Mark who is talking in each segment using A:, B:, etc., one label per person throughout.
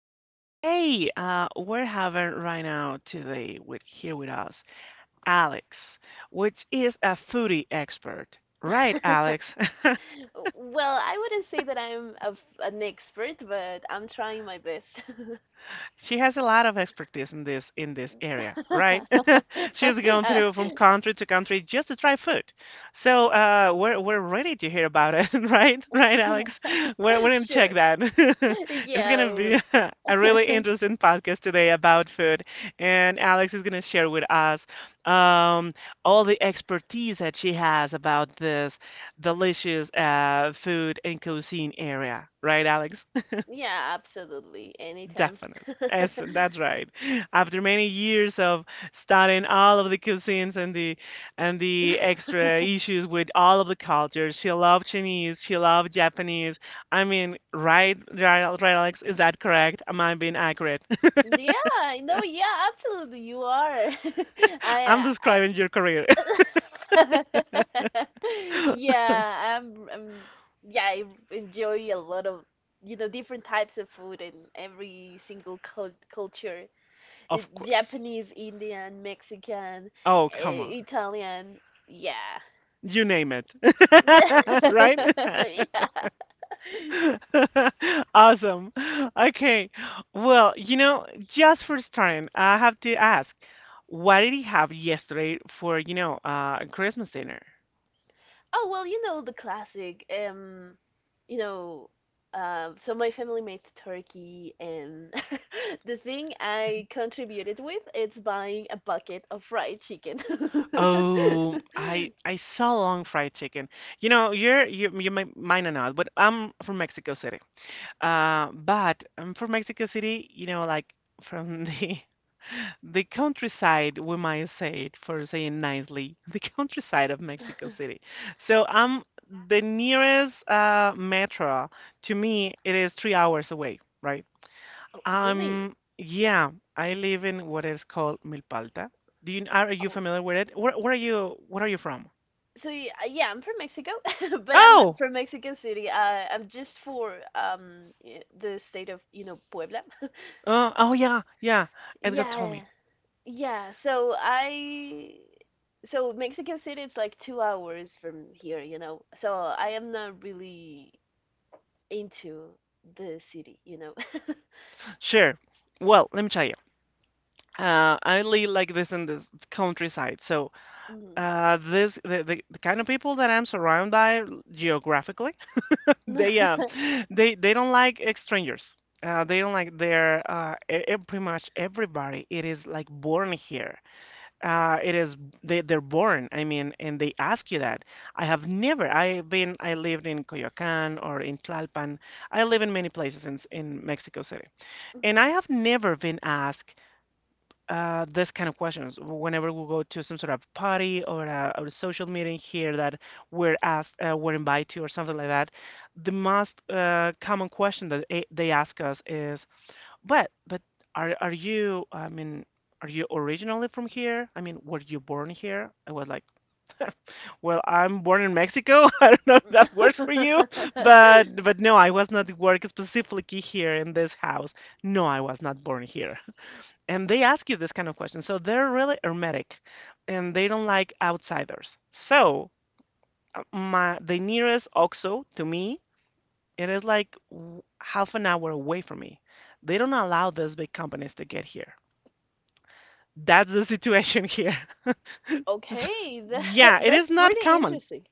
A: Well, hey, we're having right now today with here with us Alex, which is a foodie expert, right, Alex?
B: Well, I wouldn't say that I'm a f an expert, but I'm trying my best.
A: She has a lot of expertise in this area, right? She's gone through from country to country just to try food. So we're ready to hear about it, right? Right, Alex? We're
B: Uh,
A: we're gonna check
B: sure.
A: that. It's
B: Yeah,
A: gonna
B: well,
A: be a really interesting podcast today about food, and Alex is gonna share with us um, all the expertise that she has about this delicious food and cuisine area, right, Alex?
B: yeah, absolutely. Anytime.
A: Definitely. Yes, that's right. After many years of studying all of the cuisines and the extra issues with all of the cultures, she loved Chinese, she loved Japanese. I mean, right, right, right, Alex? Is that correct? Am I being accurate?
B: Yeah, I know. Yeah, absolutely. You are. I,
A: I'm describing your career.
B: I Yeah, I'm, I'm yeah, I enjoy a lot of, different types of food and every single culture.
A: Of course.
B: Japanese, Indian, Mexican,
A: Oh, come on.
B: Italian. Yeah.
A: You name it.
B: Yeah.
A: Right? Awesome. Okay. Well, just for starting, I have to ask, what did you have yesterday for, Christmas dinner?
B: Oh, well, you know the classic. You know, so my family made turkey, and the thing I contributed with is buying a bucket of fried chicken.
A: Oh, I saw long fried chicken. You know, you might not know, but I'm from Mexico City. But I'm from Mexico City, like from the the countryside, we might say it for saying nicely, the countryside of Mexico City. So I'm the nearest metro to me, it is 3 hours away, right?
B: Oh, really?
A: Yeah, I live in what is called Milpalta. Do you Are you
B: Oh,
A: familiar with it? Where are you? Where are you from?
B: Yeah, I'm from Mexico, but I'm not
A: Oh,
B: from Mexico City. I'm just for the state of, you know, Puebla.
A: oh yeah, yeah. Edgar told
B: Yeah,
A: me.
B: yeah. So I, so Mexico City, it's like 2 hours from here, you know. So I am not really into the city, you know.
A: Sure. Well, let me tell you. I live like this in this countryside, so.
B: Mhm.
A: The kind of people that I'm surrounded by geographically, they um they don't like strangers. They don't like their pretty much everybody. It is like born here. It is they they're born. I mean, and they ask you that. I have never. I've been. I lived in Coyoacán or in Tlalpan. I live in many places in Mexico City, and I have never been asked this kind of questions whenever we go to some sort of party or a social meeting here that we're invited to, or something like that. The most common question that they ask us is, "But are you? I mean, are you originally from here? I mean, were you born here?" I was like, "Well, I'm born in Mexico. I don't know if
B: Mhm.
A: that works for you, but no, I was not work specifically here in this house. No, I was not born here." And they ask you this kind of question. So they're really hermetic, and they don't like outsiders. So my the nearest OXXO to me, it is like half an hour away from me. They don't allow these big companies to get here. That's the situation here. So,
B: Okay, that
A: yeah, it is
B: that's
A: not
B: pretty
A: common.
B: interesting.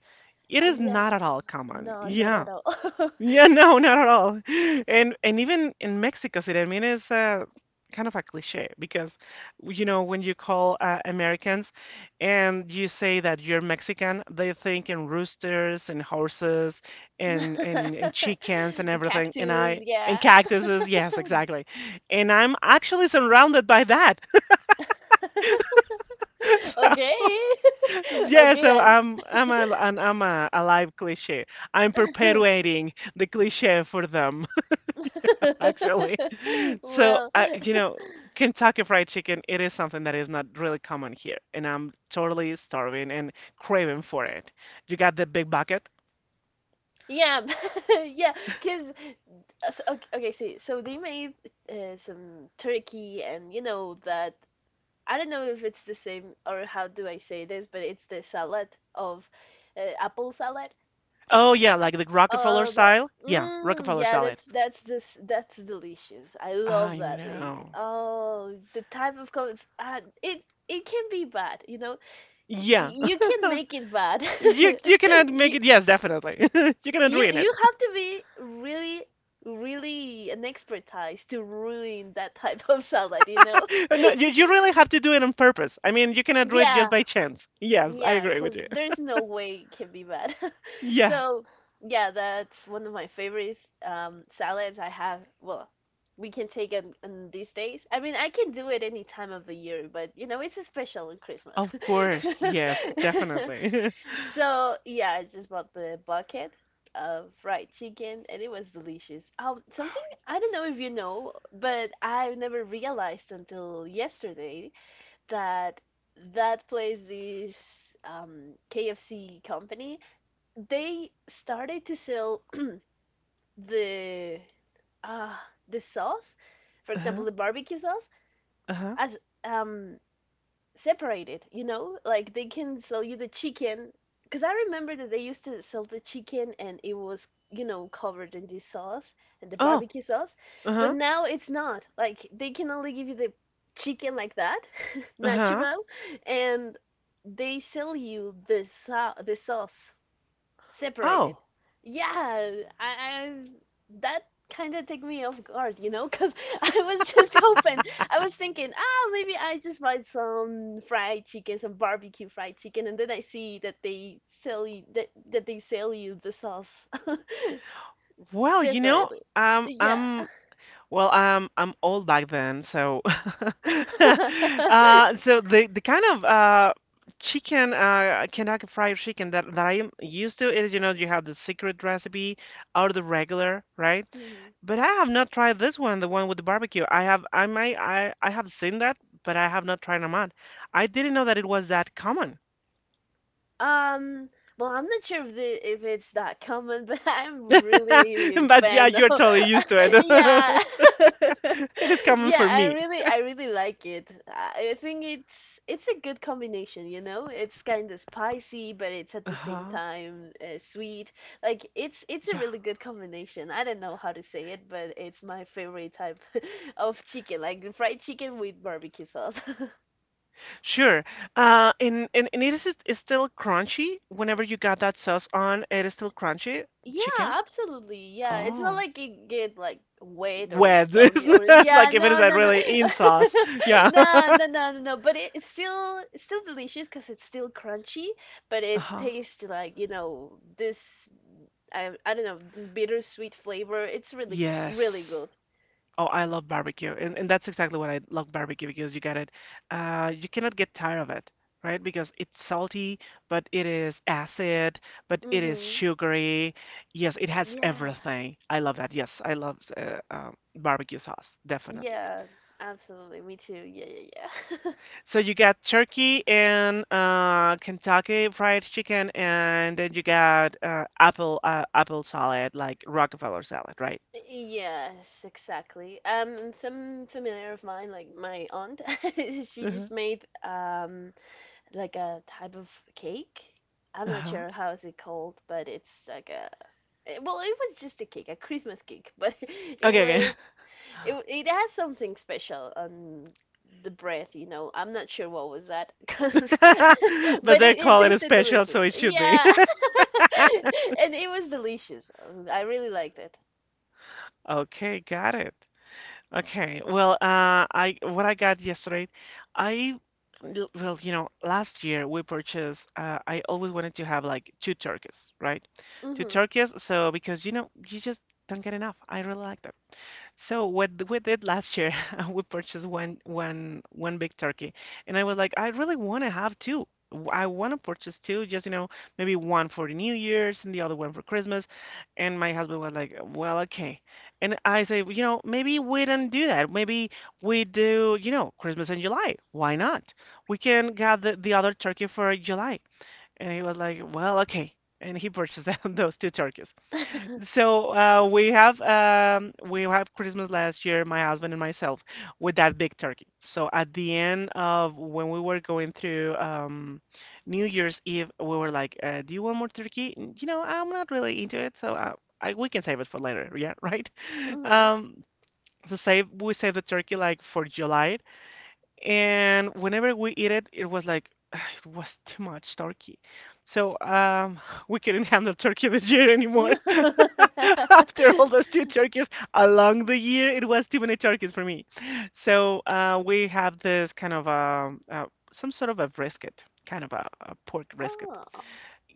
A: It is
B: Yeah,
A: not at all common.
B: no, not
A: Yeah.
B: at all.
A: Yeah, no, not at all. And even in Mexico City, I mean, it's kind of a cliche because when you call Americans and you say that you're Mexican, they think in roosters and horses and chickens and everything.
B: Cactus,
A: And
B: yeah.
A: cactuses, yes, exactly. And I'm actually surrounded by that. So
B: Okay.
A: yeah,
B: Okay
A: so
B: then.
A: I'm a live cliche. I'm perpetuating the cliche for them, actually. So,
B: Well,
A: Kentucky Fried Chicken, it is something that is not really common here, and I'm totally starving and craving for it. You got the big bucket?
B: yeah. Yeah. Okay, see, so they made some turkey, and you know that I don't know if it's the same or how do I say this, but it's the salad of apple salad.
A: Oh yeah, like the Rockefeller
B: The,
A: style? Yeah,
B: mm,
A: Rockefeller
B: yeah,
A: salad.
B: that's this that's delicious. I love
A: I
B: that thing.
A: know.
B: Oh, the type of comments. It it can be bad, you know.
A: Yeah.
B: You can make it bad.
A: You you cannot make
B: You
A: it. Yes, definitely. You cannot
B: you
A: ruin
B: you
A: it.
B: have to be really an expertise to ruin that type of salad, you know.
A: No, you really have to do it on purpose. I mean, you cannot do it just
B: Yeah,
A: by chance. Yes, I
B: Yeah,
A: agree
B: because
A: with you.
B: there's no way it can be bad.
A: Yeah,
B: So, yeah, that's one of my favorite salads I have. Well, we can take it on these days. I mean, I can do it any time of the year, but you know, it's special on Christmas.
A: of course. Yes, definitely.
B: So, yeah, I just bought the bucket of fried chicken and it was delicious. Something
A: Oh,
B: I don't know
A: yes.
B: if you know, but I never realized until yesterday that place, this KFC company, they started to sell the uh, the sauce, for example,
A: Uh-huh.
B: the barbecue sauce,
A: Uh-huh.
B: as um, separated, you know? Like they can sell you the chicken. Because I remember that they used to sell the chicken, and it was, you know, covered in this sauce and the
A: Oh,
B: barbecue sauce. But
A: uh-huh.
B: now it's not. Like they can only give you the chicken like that,
A: Uh-huh.
B: natural, and they sell you the sauce
A: Oh.
B: separated. Yeah, I that kind of took me off guard, you know, because I was just hoping. I was thinking, ah, maybe I just buy some fried chicken, some barbecue fried chicken, and then I see that they sell you the sauce
A: Well,
B: separately. Yeah.
A: I'm old back then, so the kind of chicken Kentucky fried chicken that I'm used to is, you have the secret recipe or the regular, right?
B: Mhm.
A: But I have not tried this one, the one with the barbecue. I have seen that, but I have not tried them out. I didn't know that it was that common.
B: Um, well, I'm not sure if if it's that common, but I'm really a
A: But yeah,
B: fan
A: you're
B: of
A: totally used to it.
B: yeah.
A: It is coming
B: Yeah,
A: for me.
B: I really like it. I think it's a good combination, you know? It's kind of spicy, but it's at the same
A: Uh-huh.
B: time sweet. Like it's a
A: Yeah,
B: really good combination. I don't know how to say it, but it's my favorite type of chicken, like fried chicken with barbecue sauce.
A: sure. And it's still crunchy. Whenever you got that sauce on, it is still crunchy
B: Yeah,
A: chicken.
B: absolutely. Yeah, it's not
A: Oh.
B: like it get like wet or
A: Wet. It's
B: soggy or
A: not
B: yeah,
A: like if it is a really in sauce. Yeah.
B: no, no, no, no, no. But it's still delicious because it's still crunchy, but it
A: Uh-huh.
B: tastes like you know this I don't know this bittersweet flavor. It's really
A: Yes.
B: good.
A: Oh, I love barbecue, and that's exactly what I love barbecue because you get it. You cannot get tired of it, right? Because it's salty, but it is acid, but it is
B: Mhm.
A: sugary. Yes, it has
B: Yeah.
A: everything. I love that. Yes, I love barbecue sauce, definitely.
B: Yeah. Absolutely. Me too. Yeah. Yeah. Yeah.
A: So you got turkey and Kentucky fried chicken, and then you got apple salad, like Rockefeller salad, right?
B: Yes, exactly. And some familiar of mine, like my aunt, she
A: Uh-huh.
B: just made like a type of cake. I'm not
A: Uh-huh.
B: sure how is it called, but it's like a well, it was just a cake, a Christmas cake, but it
A: Okay, okay.
B: was it w- it has something special on the breath, you know. I'm not sure what was that, 'cause-
A: But
B: but
A: they
B: it, it
A: call it a
B: tasted
A: special,
B: delicious.
A: so it should be.
B: Yeah, and it was delicious. I really liked it.
A: Okay, got it. Okay, well, I what I got yesterday, I l- well, you know, last year we purchased. I always wanted to have like two turkeys, right? Two
B: Mm-hmm.
A: turkeys. So because you just don't get enough. I really like them. So what we did last year, we purchased one big turkey, and I was like, I really want to have two. I want to purchase two, just maybe one for the New Year's and the other one for Christmas. And my husband was like, well, okay. And I say, maybe we don't do that. Maybe we do, Christmas in July. Why not? We can get the other turkey for July. And he was like, well, okay. And he purchased those two turkeys. So we have Christmas last year, my husband and myself, with that big turkey. So at the end of when we were going through New Year's Eve, we were like, "Do you want more turkey?" You know, I'm not really into it, so we can save it for later. Yeah, right.
B: Mhm.
A: Um, so save we saved the turkey like for July, and whenever we eat it, it was like it was too much turkey. So we couldn't handle turkey this year anymore. After all those two turkeys along the year, it was too many turkeys for me. So we have this kind of some sort of a brisket, kind of a pork brisket.
B: Oh.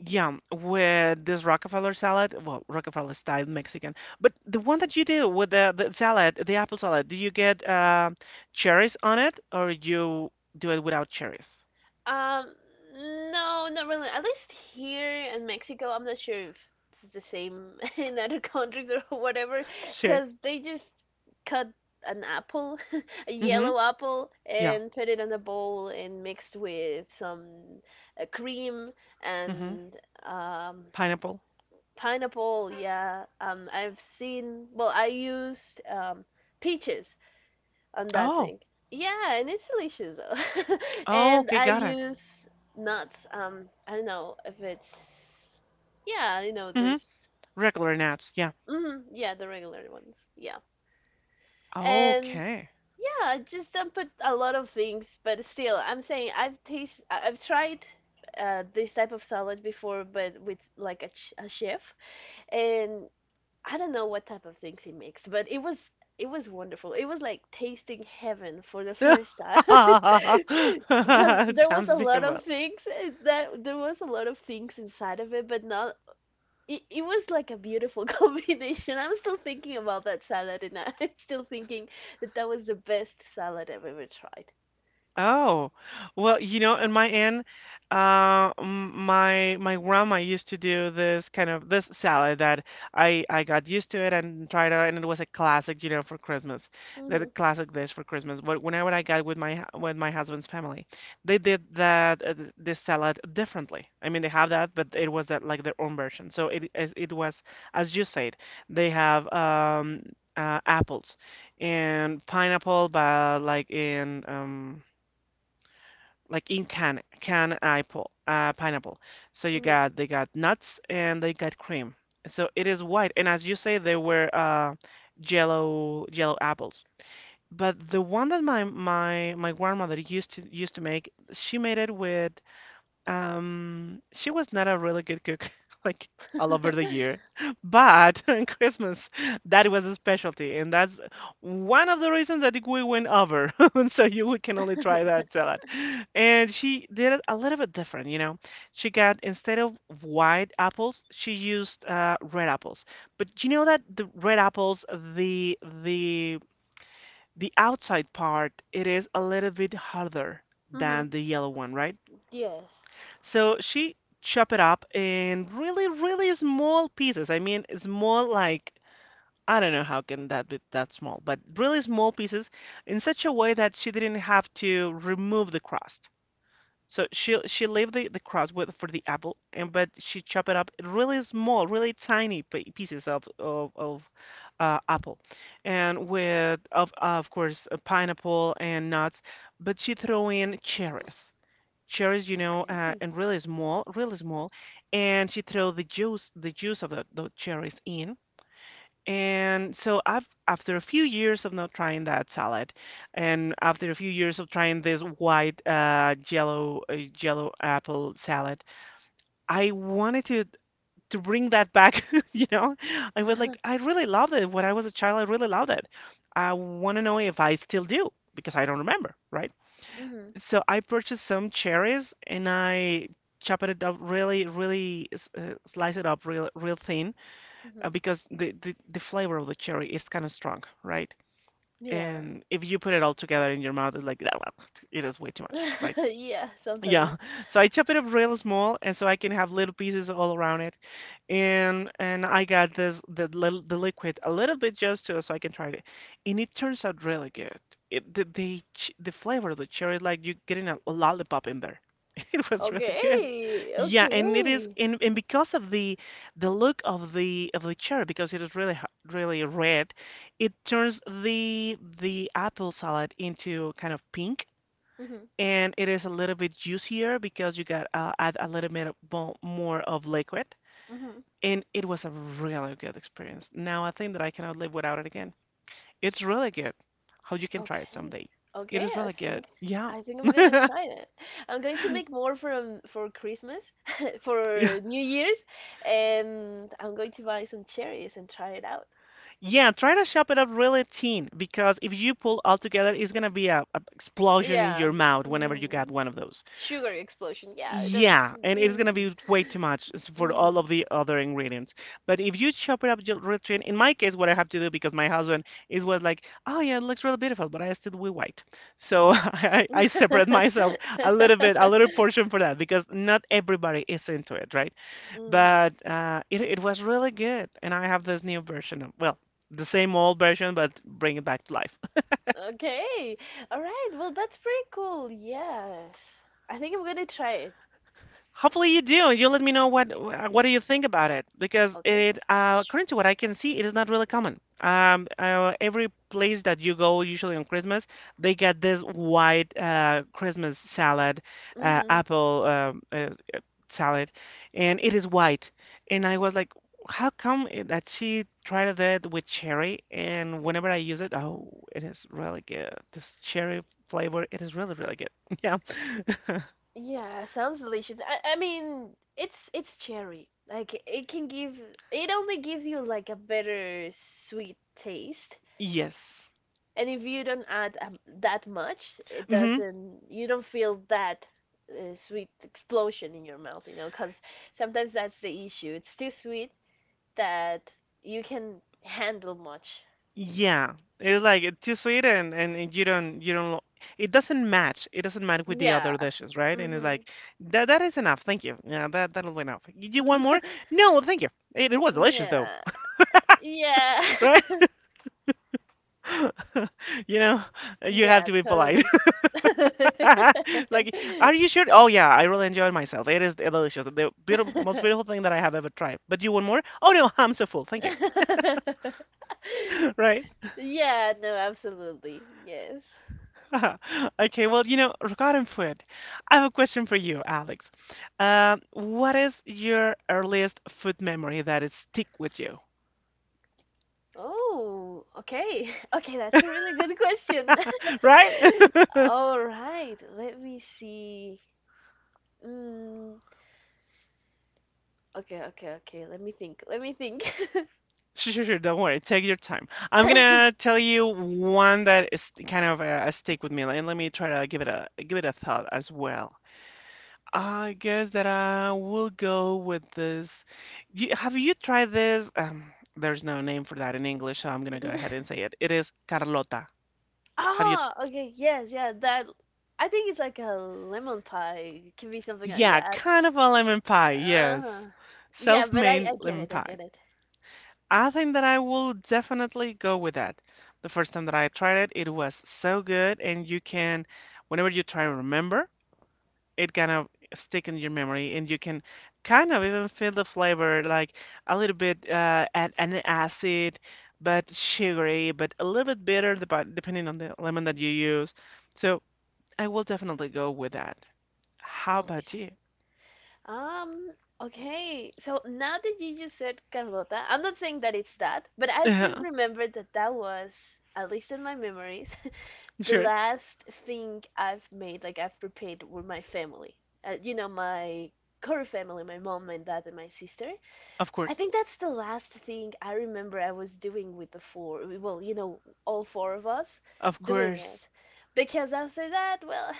A: Yeah, with this Rockefeller salad. Well, Rockefeller style Mexican. But the one that you do with the salad, the apple salad, do you get cherries on it or you do it without cherries?
B: Um, no, not really. At least here in Mexico, I'm not sure if it's the same in other countries or whatever,
A: Sure.
B: because they just cut an apple, a
A: Mm-hmm.
B: yellow apple,
A: Yeah.
B: and put it on a bowl and mixed with some cream
A: Mm-hmm.
B: and um,
A: Pineapple.
B: pineapple. Yeah, I've seen, well, I used peaches on that
A: Oh.
B: thing. Yeah, and it's delicious though.
A: Oh,
B: And
A: okay,
B: I
A: got it.
B: use nuts. I don't know if it's yeah, you know
A: Mm-hmm.
B: this.
A: Regular nuts. Yeah.
B: Hmm, yeah, the regular ones. Yeah, and
A: Okay.
B: yeah, I just don't put a lot of things, but still, I'm saying I've tried this type of salad before, but with like a chef, and I don't know what type of things he mixed, but it was wonderful. It was like tasting heaven for the
A: It
B: first time because
A: sounds beautiful.
B: there was a lot of things inside of it, but not it was like a beautiful combination. I'm still thinking about that salad, and I'm still thinking that that was the best salad I've ever tried.
A: Oh, well, in my end, my grandma used to do this kind of this salad that I got used to it and tried out, and it was a classic, for Christmas,
B: Mhm.
A: the classic dish for Christmas. But whenever I got with with my husband's family, they did this salad differently. I mean, they have that, but it was that like their own version. So it as it was as you said, they have apples and pineapple, but like in can apple pineapple. So you
B: Mhm.
A: got they got nuts and they got cream. So it is white, and as you say, they were yellow apples. But the one that my grandmother used to make, she made it with she was not a really good cook, like all over the year, but on Christmas, that was a specialty, and that's one of the reasons that we went over. So you we can only try that salad. And she did it a little bit different. She got instead of white apples, she used red apples. But you know that the red apples, the the the outside part, it is a little bit harder
B: Mhm.
A: than the yellow one, right?
B: Yes.
A: So she chop it up in really, really small pieces. I mean, small like I don't know how can that be that small, but really small pieces in such a way that she didn't have to remove the crust. So she leave the crust with for the apple, and but she chop it up in really small, really tiny pieces of apple, and with of course a pineapple and nuts, but she throw in cherries,
B: Okay.
A: and really small, and she throw the juice of the cherries in. And so after a few years of not trying that salad, and after a few years of trying this white yellow apple salad, I wanted to bring that back. You know, I was like, I really loved it when I was a child. I really loved it. I want to know if I still do because I don't remember, right?
B: Mhm.
A: So I purchased some cherries and I chopped it up really, really slice it up real, real thin
B: Mhm.
A: because the flavor of the cherry is kind of strong, right?
B: Yeah.
A: And if you put it all together in your mouth, it's like it is way too much, right?
B: Yeah, sometimes.
A: Yeah, so I chop it up real small, and so I can have little pieces all around it, and I got the liquid a little bit just to so I can try it, and it turns out really good. It the, ch the flavor of the cherry is like you are getting a lollipop in there. It was really good.
B: Okay,
A: Yeah, and it is
B: okay,
A: and, and because of the look of the cherry because it is really red, it turns the apple salad into kind of pink
B: Mhm.
A: and it is a little bit juicier because you got add a little bit of more of liquid,
B: Mhm.
A: and it was a really good experience. Now I think that I cannot live without it again. It's really good. How you can try it
B: okay,
A: someday. It
B: okay.
A: is really good. Yeah.
B: I think I'm gonna try that. I'm going to make more from for Christmas,
A: Yeah,
B: for New Year's, and I'm going to buy some cherries and try it out.
A: yeah, try to chop it up really thin because if you pull all together, it's gonna be a explosion in your
B: Yeah,
A: mouth whenever you got
B: mm.
A: one of those.
B: Sugar explosion. Yeah, I don't.
A: Yeah, and it's gonna
B: Mm-mm.
A: be way too much for all
B: Mm-hmm.
A: of the other ingredients. But if you chop it up real thin, in my case, what I have to do because my husband is was like, "Oh yeah, it looks really beautiful," but I still we white, so I separate myself a little bit, a little portion for that because not everybody is into it, right?
B: Mm-hmm.
A: But it was really good, and I have this new version of well, the same old version, but bring it back to life.
B: Okay. All right. Well, that's pretty cool. Yes. I think I'm gonna try it.
A: Hopefully you do. You let me know what do you think about it because
B: Okay.
A: it
B: Sure.
A: according to what I can see, it is not really common. Every place that you go, usually on Christmas, they get this white Christmas salad,
B: Mm-hmm.
A: apple uh, salad, and it is white. And I was like, how come that she tried that with cherry? And whenever I use it, oh, it is really good. This cherry flavor, it is really, really good. Yeah.
B: Yeah, sounds delicious. I mean, it's cherry. Like it only gives you like a better sweet taste.
A: Yes.
B: And if you don't add that much, it
A: Mhm.
B: doesn't you don't feel that sweet explosion in your mouth, you know, 'cause sometimes that's the issue. It's too sweet that you can handle much.
A: Yeah, it's like it's too sweet and, and you don't it doesn't match. It doesn't match with the other
B: Yeah.
A: dishes, right? And it's
B: Mm-hmm.
A: like that is enough. Thank you. Yeah, that'll be enough. You want more? No, thank you. It was delicious though,
B: Yeah. Yeah.
A: right? You know, you have
B: Yeah,
A: to be polite.
B: totally.
A: Like, are you sure? Oh yeah, I really enjoyed myself. It is delicious. The beautiful, most beautiful thing that I have ever tried. But you want more? Oh no, I'm so full. Thank you. Right?
B: Yeah, no, absolutely. Yes.
A: Okay, well, regarding food, I have a question for you, Alex. What is your earliest food memory that is stick with you?
B: Oh, okay. Okay, that's a really good question.
A: Right?
B: All right, let me see. Mm, okay. Let me think. Let me think.
A: Sure, sure, sure. Don't worry. Take your time. I'm gonna tell you one that is kind of a stick with me. And let me try to give it a thought as well. I guess that I will go with this. Have you tried this? There's no name for that in English, so I'm gonna go ahead and say it. It is Carlota. Have you
B: Ah, okay, yes, yeah, that I think it's like a lemon pie. It can be something like
A: Yeah,
B: that.
A: kind of a lemon pie, yes.
B: Uh, yeah, but
A: Self-made
B: I get
A: lemon
B: it. I
A: pie.
B: get it.
A: I think that I will definitely go with that. The first time that I tried it, it was so good, and you can, whenever you try to remember, it kind of stick in your memory, and you can kind of even feel the flavor, like a little bit at an acid, but sugary, but a little bit bitter, depending on the lemon that you use. So I will definitely go with that. How about you?
B: Okay. Um, okay. So now that you just said Carlota, I'm not saying that it's that, but I just remembered that that was, at least in my memories, the
A: Sure.
B: last thing I've made, like I've prepared with my family. You know, my core family, my mom, my dad, and my sister.
A: Of
B: I
A: course.
B: think that's the last thing I remember I was doing with the four, well, you know, all four of us
A: Of
B: doing
A: course.
B: it. Because after that, well,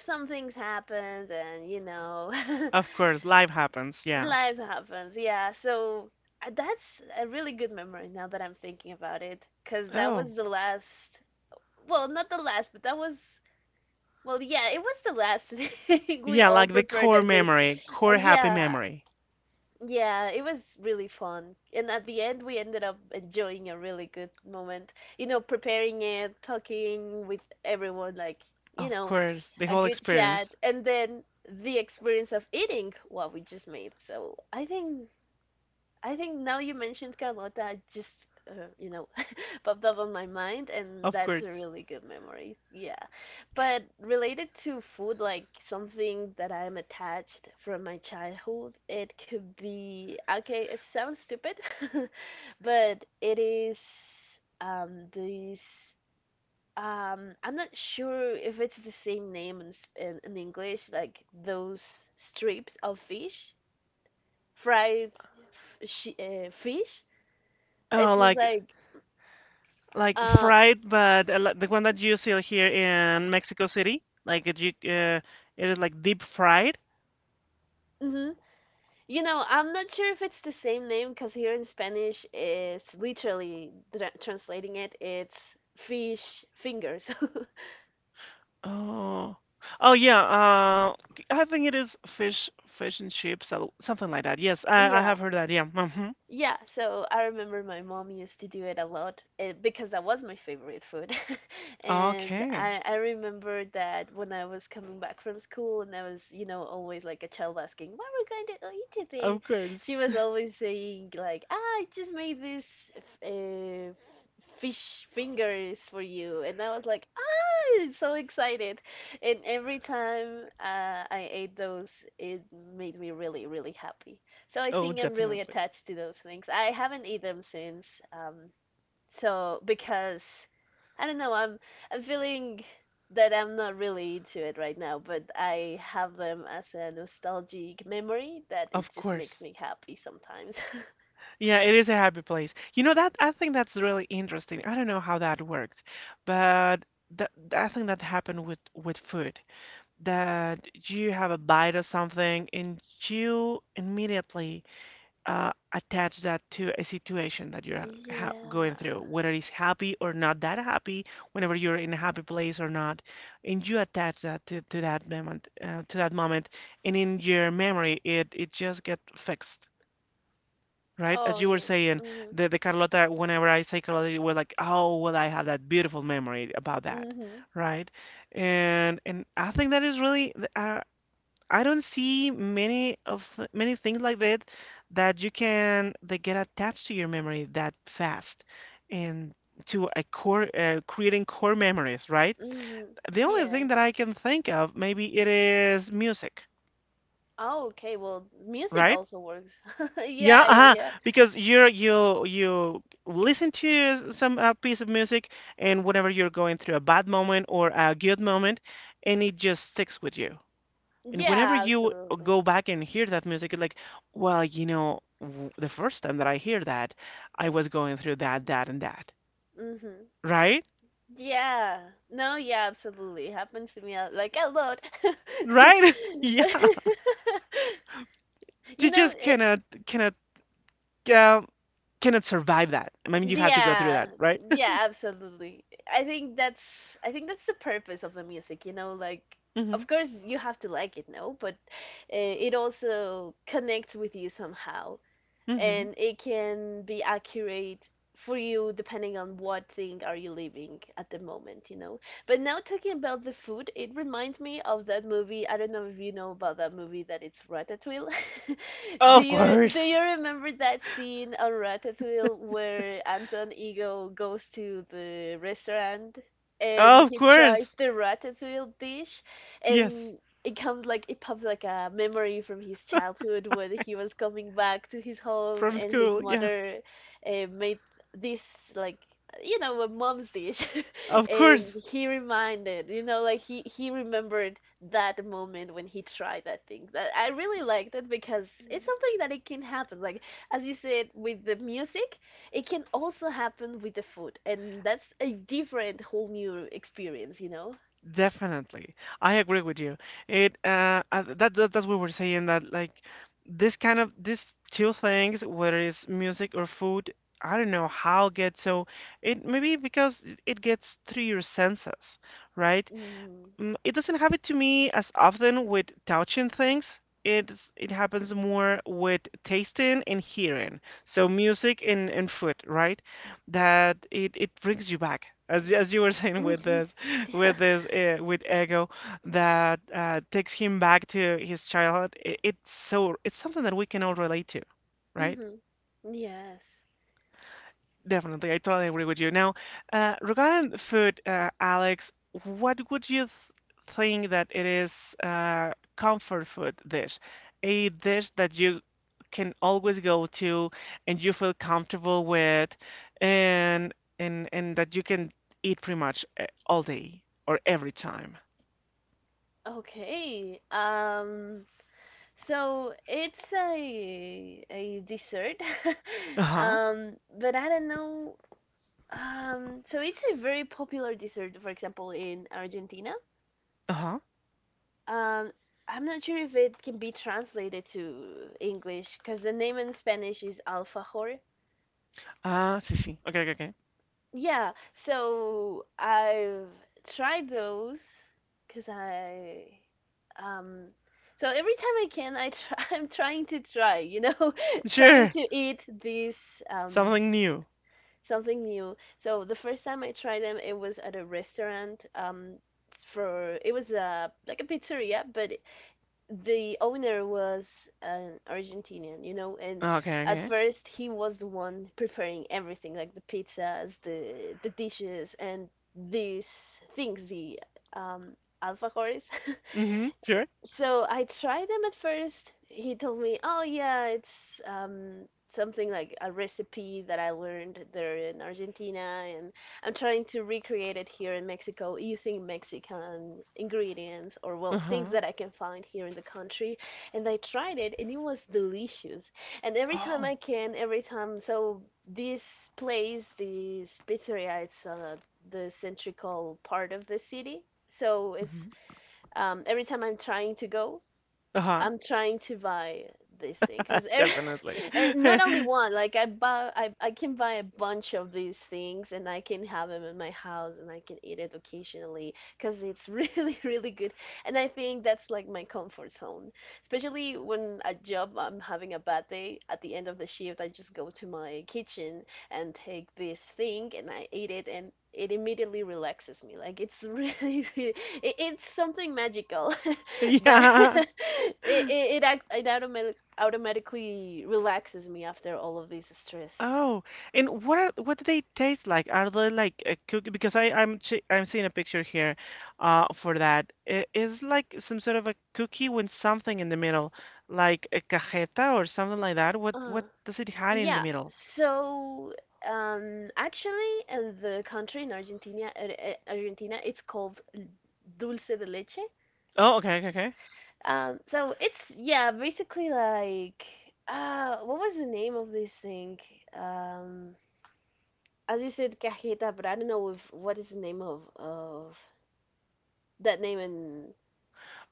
B: some things happened and you know
A: Of course. Life happens. Yeah.
B: lives happens yeah so that's a really good memory now that I'm thinking about it because that
A: Oh.
B: was the last well not the last but that was well yeah it was the last thing we
A: Yeah,
B: all
A: like the
B: prepared
A: core
B: as a
A: memory, core happy
B: yeah
A: memory.
B: yeah, it was really fun. And at the end, we ended up enjoying a really good moment. You know, preparing it, talking with everyone, like, you
A: Of
B: know,
A: course, the
B: a
A: whole
B: good chat.
A: experience.
B: And then the experience of eating what we just made. I think now you mentioned Carlota, you know, popped up on my mind, and
A: Of
B: that's a
A: course.
B: really good memory. Yeah. But related to food, like something that I'm attached from my childhood, it could be okay, it sounds stupid, but it is this I'm not sure if it's the same name in English, like those strips of fish, fried fish.
A: Oh,
B: It's just
A: like
B: like
A: like
B: uh
A: fried, but the one that you sell here in Mexico City, like it is like deep fried.
B: mhm, You know, I'm not sure if it's the same name because here in Spanish, it's literally translating it, it's fish fingers.
A: Oh. Oh yeah, I think it is fish and chips, something like that. Yes, I
B: Yeah.
A: have heard that. Yeah. Hmm.
B: Yeah, so I remember my mom used to do it a lot because that was my favorite food. And
A: Okay.
B: I remember that when I was coming back from school and I was, you know, always like a child asking, what are we going to eat today?
A: Of
B: She
A: course.
B: was always saying, like, ah, I just made this eh, f- fish fingers for you. And I was like, so excited. And every time I ate those, it made me really, really happy. So I
A: Oh,
B: think I'm really
A: definitely.
B: attached to those things. I haven't eaten them since. Um, so because I don't know, I'm feeling that I'm not really into it right now, but I have them as a nostalgic memory that it
A: Of
B: just makes
A: course.
B: me happy sometimes.
A: Yeah, it is a happy place. You know that I think that's really interesting. I don't know how that works, but that I think that happened with food. That you have a bite or something and you immediately attach that to a situation that you're ha going
B: Yeah.
A: through, whether it's happy or not that happy, whenever you're in a happy place or not, and you attach that to that moment, and in your memory, it just gets fixed. Right?
B: Oh,
A: As you were
B: yeah.
A: saying,
B: Hmm.
A: the Carlota, whenever I say Carlota, you were like, oh, well, I have that beautiful memory about that,
B: Hmm.
A: right? And I think that is really, I don't see many of th many things like that that you can that get attached to your memory that fast, and to a core creating core memories, right?
B: Hmm.
A: The only thing
B: Yes.
A: that I can think of, maybe it is music,
B: Oh, okay. Well, music
A: right?
B: also works.
A: Yeah,
B: Yeah, yeah,
A: uh-huh.
B: yeah.
A: Because you listen to some piece of music, and whenever you're going through a bad moment or a good moment, and it just sticks with you. And whenever
B: Yeah,
A: you go
B: absolutely.
A: back and hear that music, it's like, well, you know, w the first time that I hear that, I was going through that, that, and that.
B: Mm-hmm.
A: Right?
B: Yeah. No, yeah, absolutely. Happens to me like a lot.
A: Right? Yeah.
B: You
A: You
B: know,
A: just cannot um, cannot survive that. I mean, you have to go through
B: yeah,
A: that, right?
B: yeah, absolutely. I think that's the purpose of the music, like,
A: Hmm.
B: of course you have to like it, no, but it also connects with you somehow.
A: Hmm.
B: And it can be accurate for you depending on what thing are you living at the moment. But now talking about the food, it reminds me of that movie. I don't know if you know about that movie that it's Ratatouille. do
A: Of
B: you do you
A: course.
B: remember that scene on Ratatouille where Anton Ego goes to the restaurant and
A: Of
B: he tries
A: course.
B: the ratatouille dish,
A: Yes,
B: and it comes like it pops like a memory from his childhood when he was coming back to his home
A: from
B: and his
A: school. Yeah,
B: mother made this, like a mom's dish.
A: of
B: And
A: course,
B: he reminded, like he remembered that moment when he tried that thing. That I really liked it, because it's something that it can happen, like, as you said with the music, it can also happen with the food, and that's a different whole new experience.
A: definitely. I agree with you. It that, that that's what we're saying that like this kind of these two things, whether it's music or food, I don't know how it gets. So it maybe because it gets through your senses, right? It doesn't happen to me as often with touching things. It happens more with tasting and hearing. So music and food, right? That it brings you back, as you were saying with
B: Mm-hmm.
A: this with this uh, with Ego, that takes him back to his childhood. It's so it's something that we can all relate to, right?
B: Mhm. Yes.
A: Definitely, I totally agree with you. Now, regarding food, Alex, what would you th think that it is comfort food dish? A dish that you can always go to and you feel comfortable with and and that you can eat pretty much all day or every time.
B: Okay. So it's a dessert.
A: Uh-huh.
B: But I don't know. So it's a very popular dessert, for example, in Argentina.
A: Uh-huh.
B: Um I'm not sure if it can be translated to English because the name in Spanish is alfajor.
A: Ah, see, see. Okay, okay, okay.
B: Yeah, so I've tried those because I. um so every time I can, I try, I'm trying to try, trying
A: Sure.
B: to eat this.
A: Something new.
B: Something new. So the first time I tried them it was at a restaurant. For it was a like a pizzeria, but the owner was an Argentinian, and
A: Okay,
B: at
A: okay.
B: first he was the one preparing everything, like the pizzas, the dishes, and these things, the um, alfajores.
A: Mm-hmm. Sure.
B: So I tried them at first. He told me, "Oh yeah, it's something like a recipe that I learned there in Argentina, and I'm trying to recreate it here in Mexico using Mexican ingredients or, well, things
A: Uh-huh.
B: that I can find here in the country." And I tried it, and it was delicious. And every time
A: Oh.
B: I can, every time, so this place, this pizzeria, it's the central part of the city. So it's
A: Mm-hmm.
B: every time I'm trying to go, I'm trying to buy this thing because
A: Definitely.
B: not only one. Like I buy, I can buy a bunch of these things, and I can have them in my house, and I can eat it occasionally because it's really really good. And I think that's like my comfort zone, especially when a job I'm having a bad day. At the end of the shift, I just go to my kitchen and take this thing and I eat it, and it immediately relaxes me. Like it's really, it's something magical, but
A: Yeah.
B: it, act, it automatic, automatically relaxes me after all of this stress.
A: Oh, and what do they taste like? Are they like a cookie? Because I I'm che I'm seeing a picture here, for that. Like some sort of a cookie with something in the middle, like a cajeta or something like that. What
B: Uh,
A: what does it hide in the
B: yeah.
A: middle?
B: So actually, in the country in Argentina, Argentina, it's called dulce de leche.
A: Oh, okay, okay, okay.
B: So it's, yeah, basically like, what was the name of this thing? Um, as you said, cajeta, but I don't know if what is the name of that name. And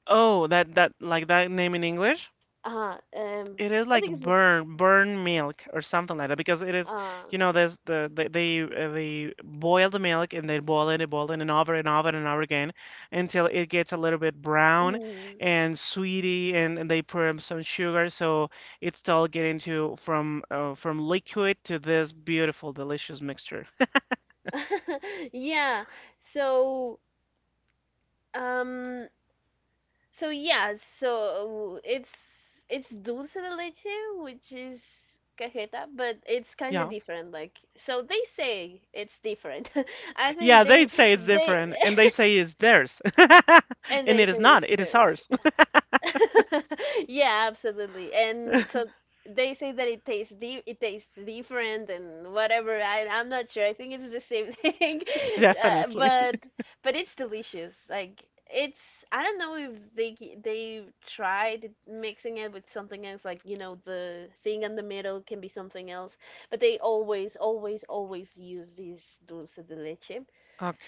A: Oh, that name in English?
B: uh um
A: It is
B: I
A: like
B: think it's
A: burn milk or something like that because it is,
B: uh
A: there's they boil the milk and they boil it and over and over and over again until it gets a little bit brown
B: mm,
A: and sweety, and they put in some sugar, so it's all getting to from liquid to this beautiful delicious mixture.
B: yeah. So um yeah, so it's dulce de leche, which is cajeta, but it's kind of
A: Yeah.
B: different. Like, so they say it's different. I
A: Yeah,
B: think
A: they
B: they
A: say it's
B: they
A: different and they say it's theirs.
B: and
A: And
B: they
A: it is
B: say
A: not,
B: it's
A: it is
B: theirs.
A: ours.
B: Yeah, absolutely. And so they say that it tastes different and whatever. I'm not sure. I think it's the same thing. Uh,
A: Definitely.
B: but but it's delicious. Like it's I don't know if they tried mixing it with something else, like, the thing in the middle can be something else, but they always always always use this dulce de leche.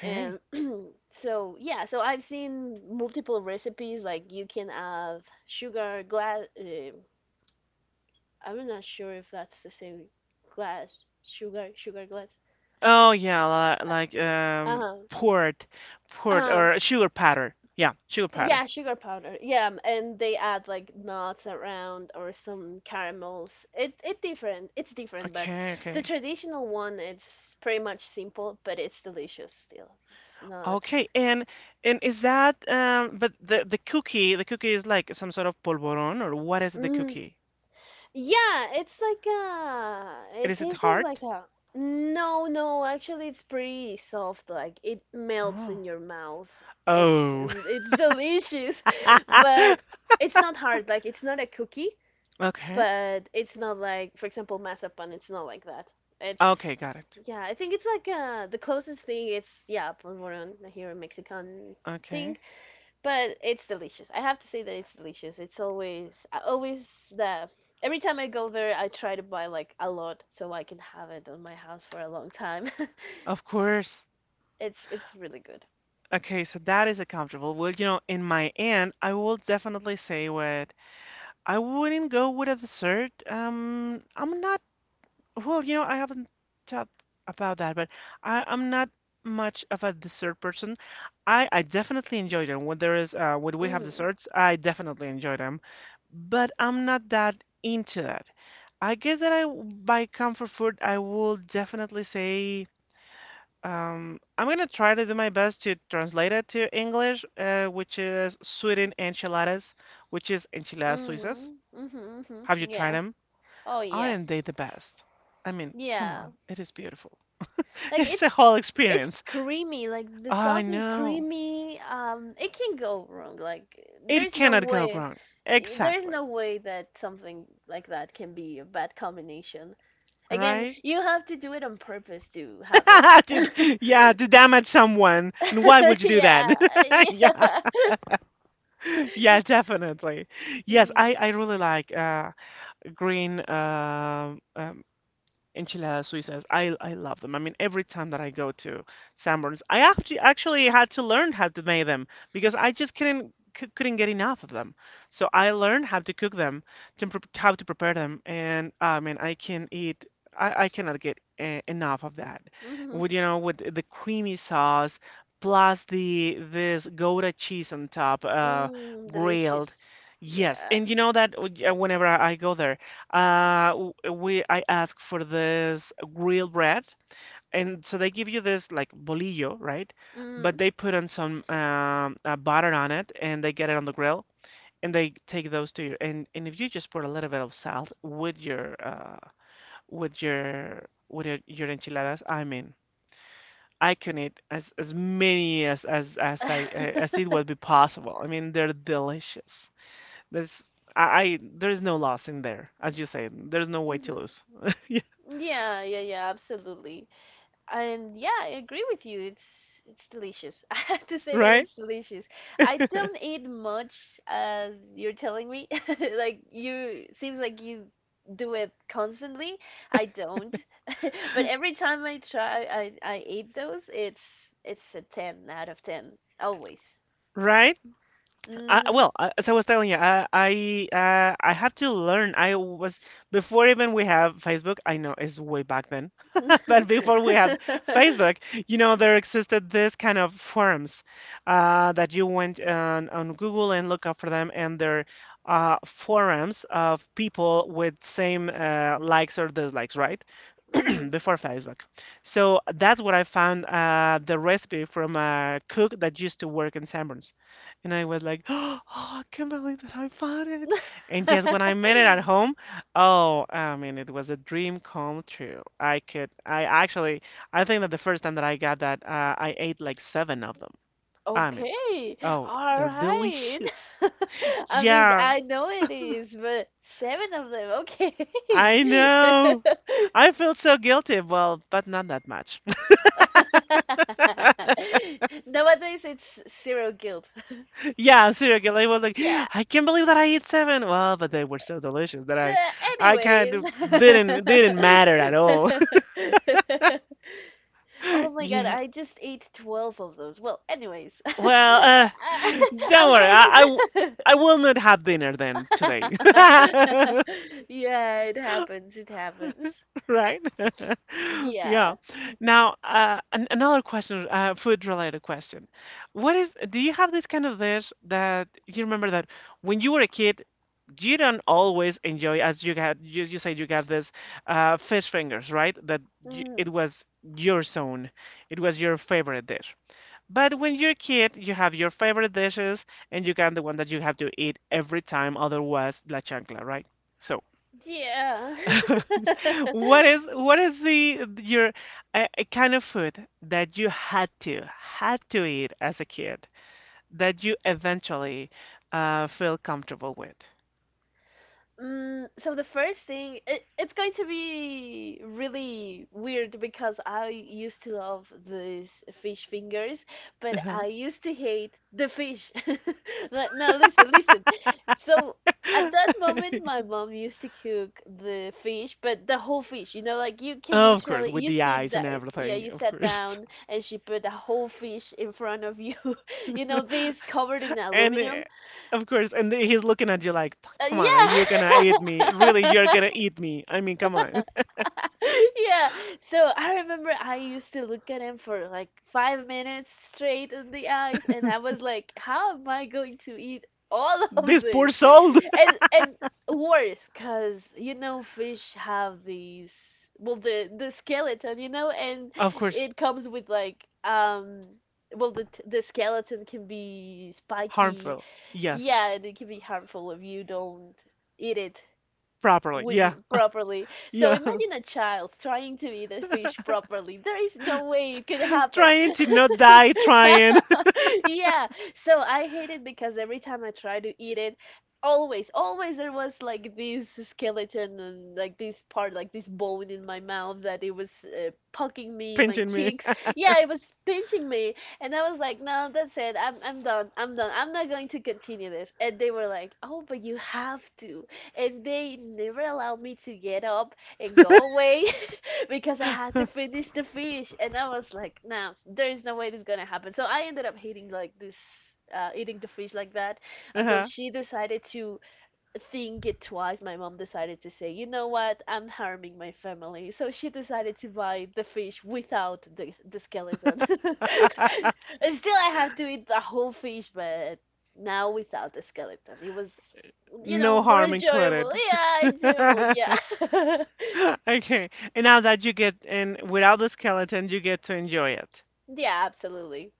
B: And so yeah, so I've seen multiple recipes, like you can have sugar glass. I'm not sure if that's the same glass sugar glass.
A: Oh yeah, li- like
B: Uh
A: um
B: huh.
A: port, port
B: Uh,
A: or sugar powder. Yeah, sugar powder.
B: yeah, sugar powder. Yeah, and they add like nuts around or some caramels. It's different, but
A: Okay,
B: the
A: okay.
B: traditional one it's pretty much simple, but it's delicious still. It's not.
A: Okay, and is that but the cookie is like some sort of polvorón, or what is it, the
B: Mm-hmm.
A: cookie?
B: Yeah, it's like a. It
A: Is it
B: tastes
A: hard?
B: like a. No, no, actually, it's pretty soft. Like it melts
A: Oh.
B: in your mouth. It's
A: Oh.
B: it's delicious, but it's not hard. Like it's not a cookie,
A: Okay.
B: but it's not like, for example, mazapan. It's not like that.
A: Okay,
B: It's,
A: got it.
B: yeah. I think it's like the closest thing. It's, yeah, polvorón here, a Mexican thing,
A: Okay.
B: but it's delicious. I have to say that it's delicious. It's always I always the every time I go there, I try to buy like a lot so I can have it on my house for a long time.
A: Of course.
B: It's really good.
A: Okay, so that is a comfortable. Well, in my end, I will definitely say what I wouldn't go with a dessert. I'm not Well, I haven't thought about that, but I'm not much of a dessert person. I definitely enjoy them. When there is when we have
B: Mhm.
A: desserts, I definitely enjoy them, but I'm not that into that. I guess that by comfort food, I will definitely say, I'm gonna try to do my best to translate it to English, which is Sweden enchiladas, which is enchiladas suizas.
B: Mhm. Mhm. Mhm.
A: Have you tried
B: Yeah.
A: 'em?
B: Oh yeah.
A: Aren't they the best? I mean, come
B: Yeah.
A: on, it is beautiful.
B: Like
A: It is a
B: it's
A: whole
B: it's
A: experience.
B: creamy. Like the
A: I
B: sauce is
A: know.
B: creamy. It can go wrong. Like
A: It
B: there's no
A: cannot go
B: way.
A: wrong.
B: There is
A: Exactly.
B: no way that something like that can be a bad combination. Again,
A: Right?
B: you have to do it on purpose to have it.
A: Yeah, to damage someone. And why would you do that?
B: Yeah,
A: Yeah,
B: yeah.
A: yeah, definitely. Yes, I,
B: Mm,
A: I really like green enchiladas suizas. I love them. I mean, every time that I go to Sanborns, I actually had to learn how to make them because I just couldn't get enough of them. So I learned how to cook them, how to prepare them, and I mean, I can eat. I cannot get enough of that.
B: mhm,
A: With, with the creamy sauce plus the this Gouda cheese on top,
B: mm,
A: grilled.
B: delicious.
A: Yes,
B: Yeah.
A: and you know that, whenever I go there. W- we I asked for this grilled bread, and so they give you this like bolillo, right? But
B: Mm.
A: they put on some butter on it, and they get it on the grill, and they take those to you. And if you just put a little bit of salt with your with your with your enchiladas, I mean, I can eat as many as as as I as it would be possible. I mean, they're delicious. There's I there is no loss in there, as you say. There's no way to
B: Mhm.
A: lose.
B: Yeah, yeah, yeah, absolutely. And yeah, I agree with you. It's delicious. I have to say that
A: Right,
B: it's delicious. I don't eat much as you're telling me. Like you seems like you do it constantly. I don't. But every time I try I eat those, it's a 10 out of 10 always.
A: right.
B: Mhm.
A: Well, as I was telling you, I had to learn. I was before even we have Facebook. I know it's way back then. But before we have Facebook, there existed this kind of forums, that you went on Google and look up for them, and they're, forums of people with same, likes or dislikes, right?
B: Mhm.
A: Before Facebook. So that's what I found, the recipe from a cook that used to work in Sanborns. And I was like, oh, I can't believe that I found it. And just when I made it at home, oh, I mean, it was a dream come true. I could, I actually, I think that the first time that I got that, I ate like seven of them. I mean,
B: Okay,
A: oh,
B: all
A: they're
B: right.
A: delicious.
B: I mean,
A: Yeah,
B: I know it is, but seven of them, okay.
A: I know. I feel so guilty, well, but not that much.
B: Nowadays, it's zero guilt.
A: Yeah, seriously, I was like,
B: Yeah.
A: I can't believe that I ate seven. Well, but they were so delicious that I,
B: Uh,
A: I kind
B: anyways.
A: of didn't matter at all.
B: Oh my god,
A: Yeah.
B: I just ate 12 of those. Well, anyways.
A: Well,
B: I,
A: don't
B: I'm
A: worry.
B: going
A: I will not have dinner then today.
B: to. Yeah, it happens. It happens.
A: Right?
B: Yeah.
A: Yeah. Now, an another question, food related question. Do you have this kind of dish that you remember that when you were a kid, you don't always enjoy, as you had, you said you got this, fish fingers, right? That y it
B: Mhm.
A: was your zone, it was your favorite dish. But when you're a kid, you have your favorite dishes and you got the one that you have to eat every time, otherwise la chancla, right? So,
B: Yeah.
A: what is a kind of food that you had to eat as a kid that you eventually, feel comfortable with?
B: So the first thing, it's going to be really weird because I used to love these fish fingers, but
A: Uh-huh.
B: I used to hate the fish. Now, now listen, listen. So at that moment, my mom used to cook the fish, but the whole fish. You know, like you can
A: Of course,
B: literally
A: with
B: you
A: the
B: sit
A: eyes and
B: that yeah,
A: everything,
B: you
A: of
B: sat
A: course.
B: down and she put a whole fish in front of you. You know, this covered in
A: And,
B: aluminum.
A: of course, and he's looking at you like,
B: Uh,
A: come on, are you gonna eat me? Really,
B: yeah.
A: you're gonna eat me? I mean, come on.
B: Yeah, so I remember I used to look at him for like 5 minutes straight in the eyes, and I was like, how am I going to eat all of
A: This poor
B: this?
A: soul.
B: And worse, cause you know fish have these, well the skeleton, and
A: Of course,
B: it comes with like. Well, the skeleton can be spiky,
A: harmful.
B: yeah,
A: Yes.
B: and it can be harmful if you don't eat it
A: Properly.
B: with
A: Yeah.
B: properly. So
A: Yeah.
B: imagine a child trying to eat a fish properly. There is no way it could happen.
A: Trying to not die, trying.
B: Yeah, so I hate it because every time I try to eat it, always, always there was like this skeleton and like this part, like this bone in my mouth that it was poking me, my
A: Pinching me.
B: cheeks. Yeah, it was pinching me, and I was like, no, that's it. I'm done. I'm done. I'm not going to continue this. And they were like, oh, but you have to. And they never allowed me to get up and go away because I had to finish the fish. And I was like, nah, there is no way this is gonna happen. So I ended up hating like this. Eating the fish like that until
A: Uh-huh.
B: she decided to think it twice. My mom decided to say, you know what, I'm harming my family. So she decided to buy the fish without the skeleton. And still, I have to eat the whole fish, but now without the skeleton. It was,
A: No
B: more
A: harm
B: enjoyable.
A: included.
B: Yeah, enjoyable. Yeah.
A: Okay. And now that you get, and without the skeleton, you get to enjoy it.
B: Yeah, absolutely.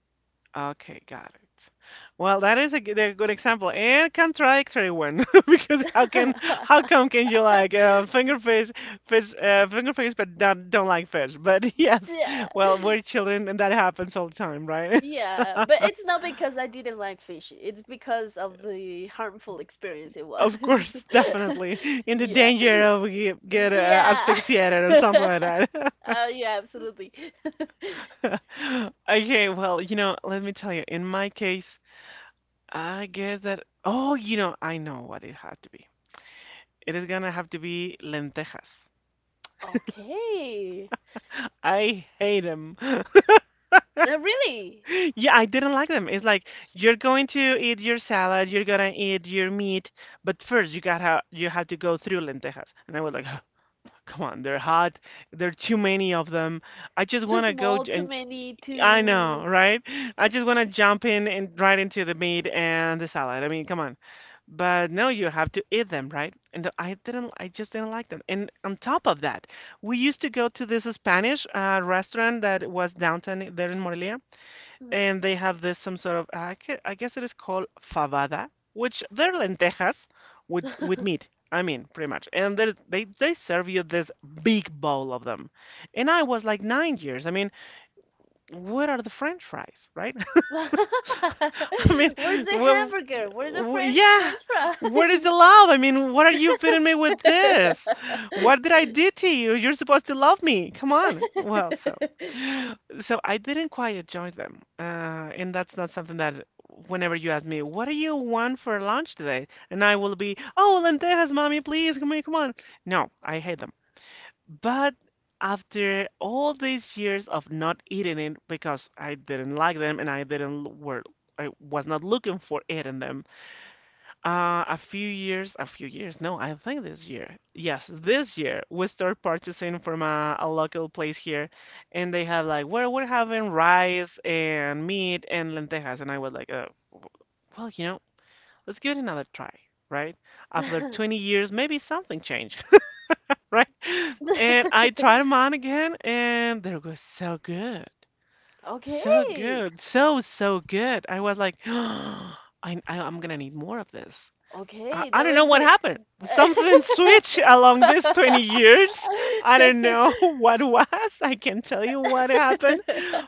A: Okay, got it. Well, that is a good example and contradictory one because how come can you like, finger fish finger fish but don't like fish? But yes,
B: Yeah,
A: well, we're children and that happens all the time, right?
B: yeah, but it's not because I didn't like fish. It's because of the harmful experience it was.
A: Of course, definitely in the
B: Yeah,
A: danger of get
B: yeah,
A: asphyxiated or
B: uh,
A: something like that.
B: yeah, absolutely.
A: Okay, well, let me tell you, in my case, I guess that, oh, I know what it had to be. It is gonna have to be lentejas.
B: Okay,
A: I hate them.
B: really?
A: Yeah, I didn't like them. It's like you're going to eat your salad, you're gonna eat your meat, but first you have to go through lentejas. And I was like, come on, they're hot. There are too many of them. I just
B: Too
A: wanna
B: small, too
A: and
B: many,
A: I know,
B: too.
A: right? I just wanna jump in and right into the meat and the salad. I mean, come on. But no, you have to eat them, right? And I didn't, I just didn't like them. And on top of that, we used to go to this Spanish, restaurant that was downtown there in Morelia,
B: Mm.
A: and they have this some sort of, I guess it is called fabada, which they're lentejas with meat. I mean, pretty much. And they serve you this big bowl of them. And I was like 9 years. I mean, what are the French fries, right?
B: Where's
A: I mean,
B: the
A: well,
B: hamburger? Where's the French
A: yeah.
B: French
A: Where is the love? I mean, what are you feeding me with this?
B: fries?
A: What did I do to you? You're supposed to love me. Come on. Well, so, I didn't quite enjoy them, and that's not something that. Whenever you ask me, what do you want for lunch today? And I will be, oh, lentejas, mommy, please, come on, come on. No, I hate them. But after all these years of not eating it because I didn't like them and I didn't l- were I was not looking for it in them, no, I think this year, yes, this year we start purchasing from a local place here, and they have like, well, we're having rice and meat and lentejas, and I was like, w- well, let's give it another try, right? After 20 years, maybe something changed. Right? And I tried them on again, and they were so good, so
B: Okay.
A: good, so good. I was like, I'm gonna need more of this. I,
B: Okay,
A: I
B: that
A: don't
B: was
A: know what
B: it.
A: happened. Something switched along these 20 years. I don't know what was. I can not tell you what happened,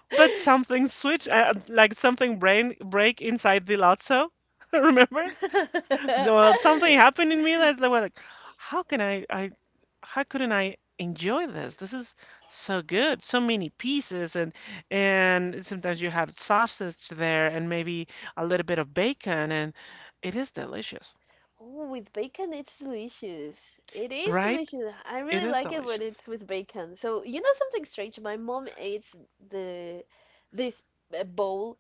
A: but something switched, like something brain break inside the lotso. Remember? So, well, something happened in me that's like, well, like, how can I, I how couldn't I enjoy this? This is so good. So many pieces, and sometimes you have sausage there and maybe a little bit of bacon, and it is delicious,
B: Oh, with bacon, it's delicious. It is
A: right?
B: delicious. I
A: It
B: really
A: is
B: like it when
A: delicious.
B: it's with bacon. So, you know something strange? My mom eats the this bowl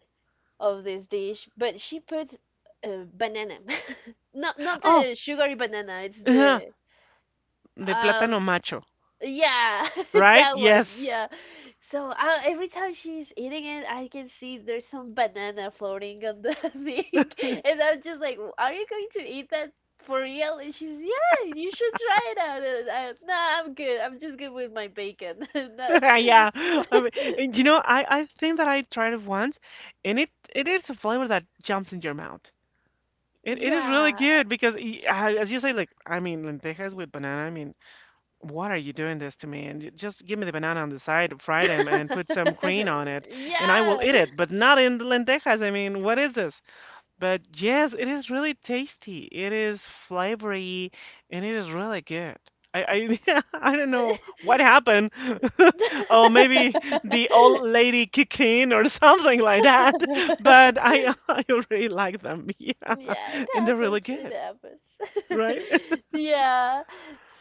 B: of this dish, but she puts banana. Not
A: Oh,
B: the sugary banana. It's
A: uh
B: the
A: the
B: um
A: plátano macho,
B: Yeah,
A: right?
B: that one.
A: Yes.
B: Yeah. So every time she's eating it, I can see there's some banana floating on the thing, and I'm just like, "Are you going to eat that for real?" And she's, "Yeah, you should try it out." And I, nah, I'm good. I'm just good with my bacon. No-
A: Yeah. I mean, and, I think that I tried it once and it is a flavor that jumps in your mouth. It is really
B: Yeah.
A: good because as you say, like, I mean, lentejas with banana, I mean, what are you doing this to me? And just give me the banana on the side, fry them, and put some cream on it, and I will
B: Yeah.
A: eat it, but not in the lentejas. I mean, what is this? But yes, it is really tasty. It is flavory, and it is really good. I don't know what happened. Oh, maybe the old lady kicked in or something like that. But I I really like them. Yeah,
B: Yeah, it
A: and they're really
B: happens. It
A: good,
B: happens.
A: right?
B: Yeah.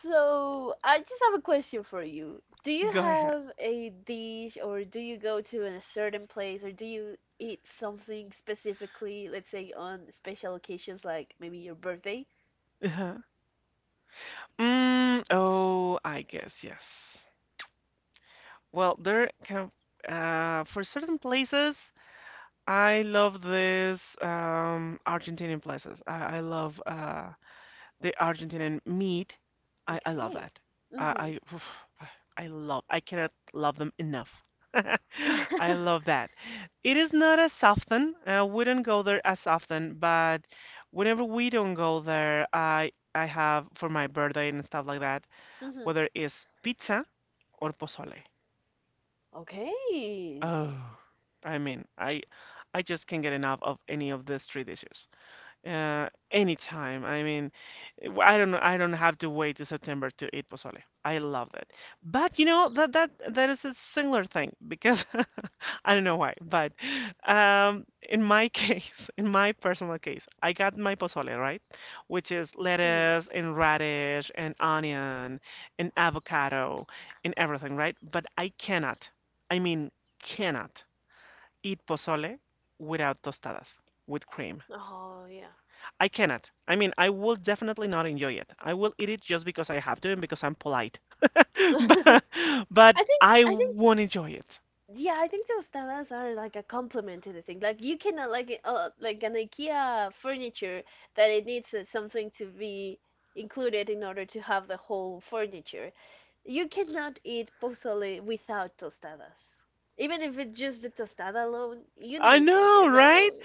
B: So I just have a question for you. Do you
A: Go ahead.
B: have a dish or do you go to a certain place or do you eat something specifically, let's say on special occasions like maybe your birthday?
A: Oh, I guess yes. Well, there kind of for certain places, I love this Argentinian places. I love the Argentinian meat. I love
B: Okay.
A: that. I
B: Mm-hmm.
A: I, oof, I love. I cannot love them enough. I love that. It is not as often. We don't go there as often, but whenever we don't go there, I have for my birthday and stuff like that
B: Mm-hmm.
A: whether it's pizza or pozole.
B: Okay.
A: Oh, I mean, I just can't get enough of any of these three dishes. Anytime. I mean, I do not I don't I don't have to wait to September to eat pozole. I love it. But you know that that is a similar thing because I don't know why, but in my case, in my personal case, I got my pozole, right? Which is
B: Mm-hmm.
A: lettuce and radish and onion and avocado and everything, right? But I cannot, I mean, cannot eat pozole without tostadas with cream.
B: Oh yeah.
A: I cannot. I mean, I will definitely not enjoy it. I will eat it just because I have to and because I'm polite. But, but I
B: I think
A: won't enjoy it.
B: Yeah, I think those are like a complement to the thing. Like you cannot like like an IKEA furniture that it needs something to be included in order to have the whole furniture. You cannot eat pozole without tostadas. Even if it's just the tostada alone, you
A: I
B: need it, you
A: know, right?
B: know.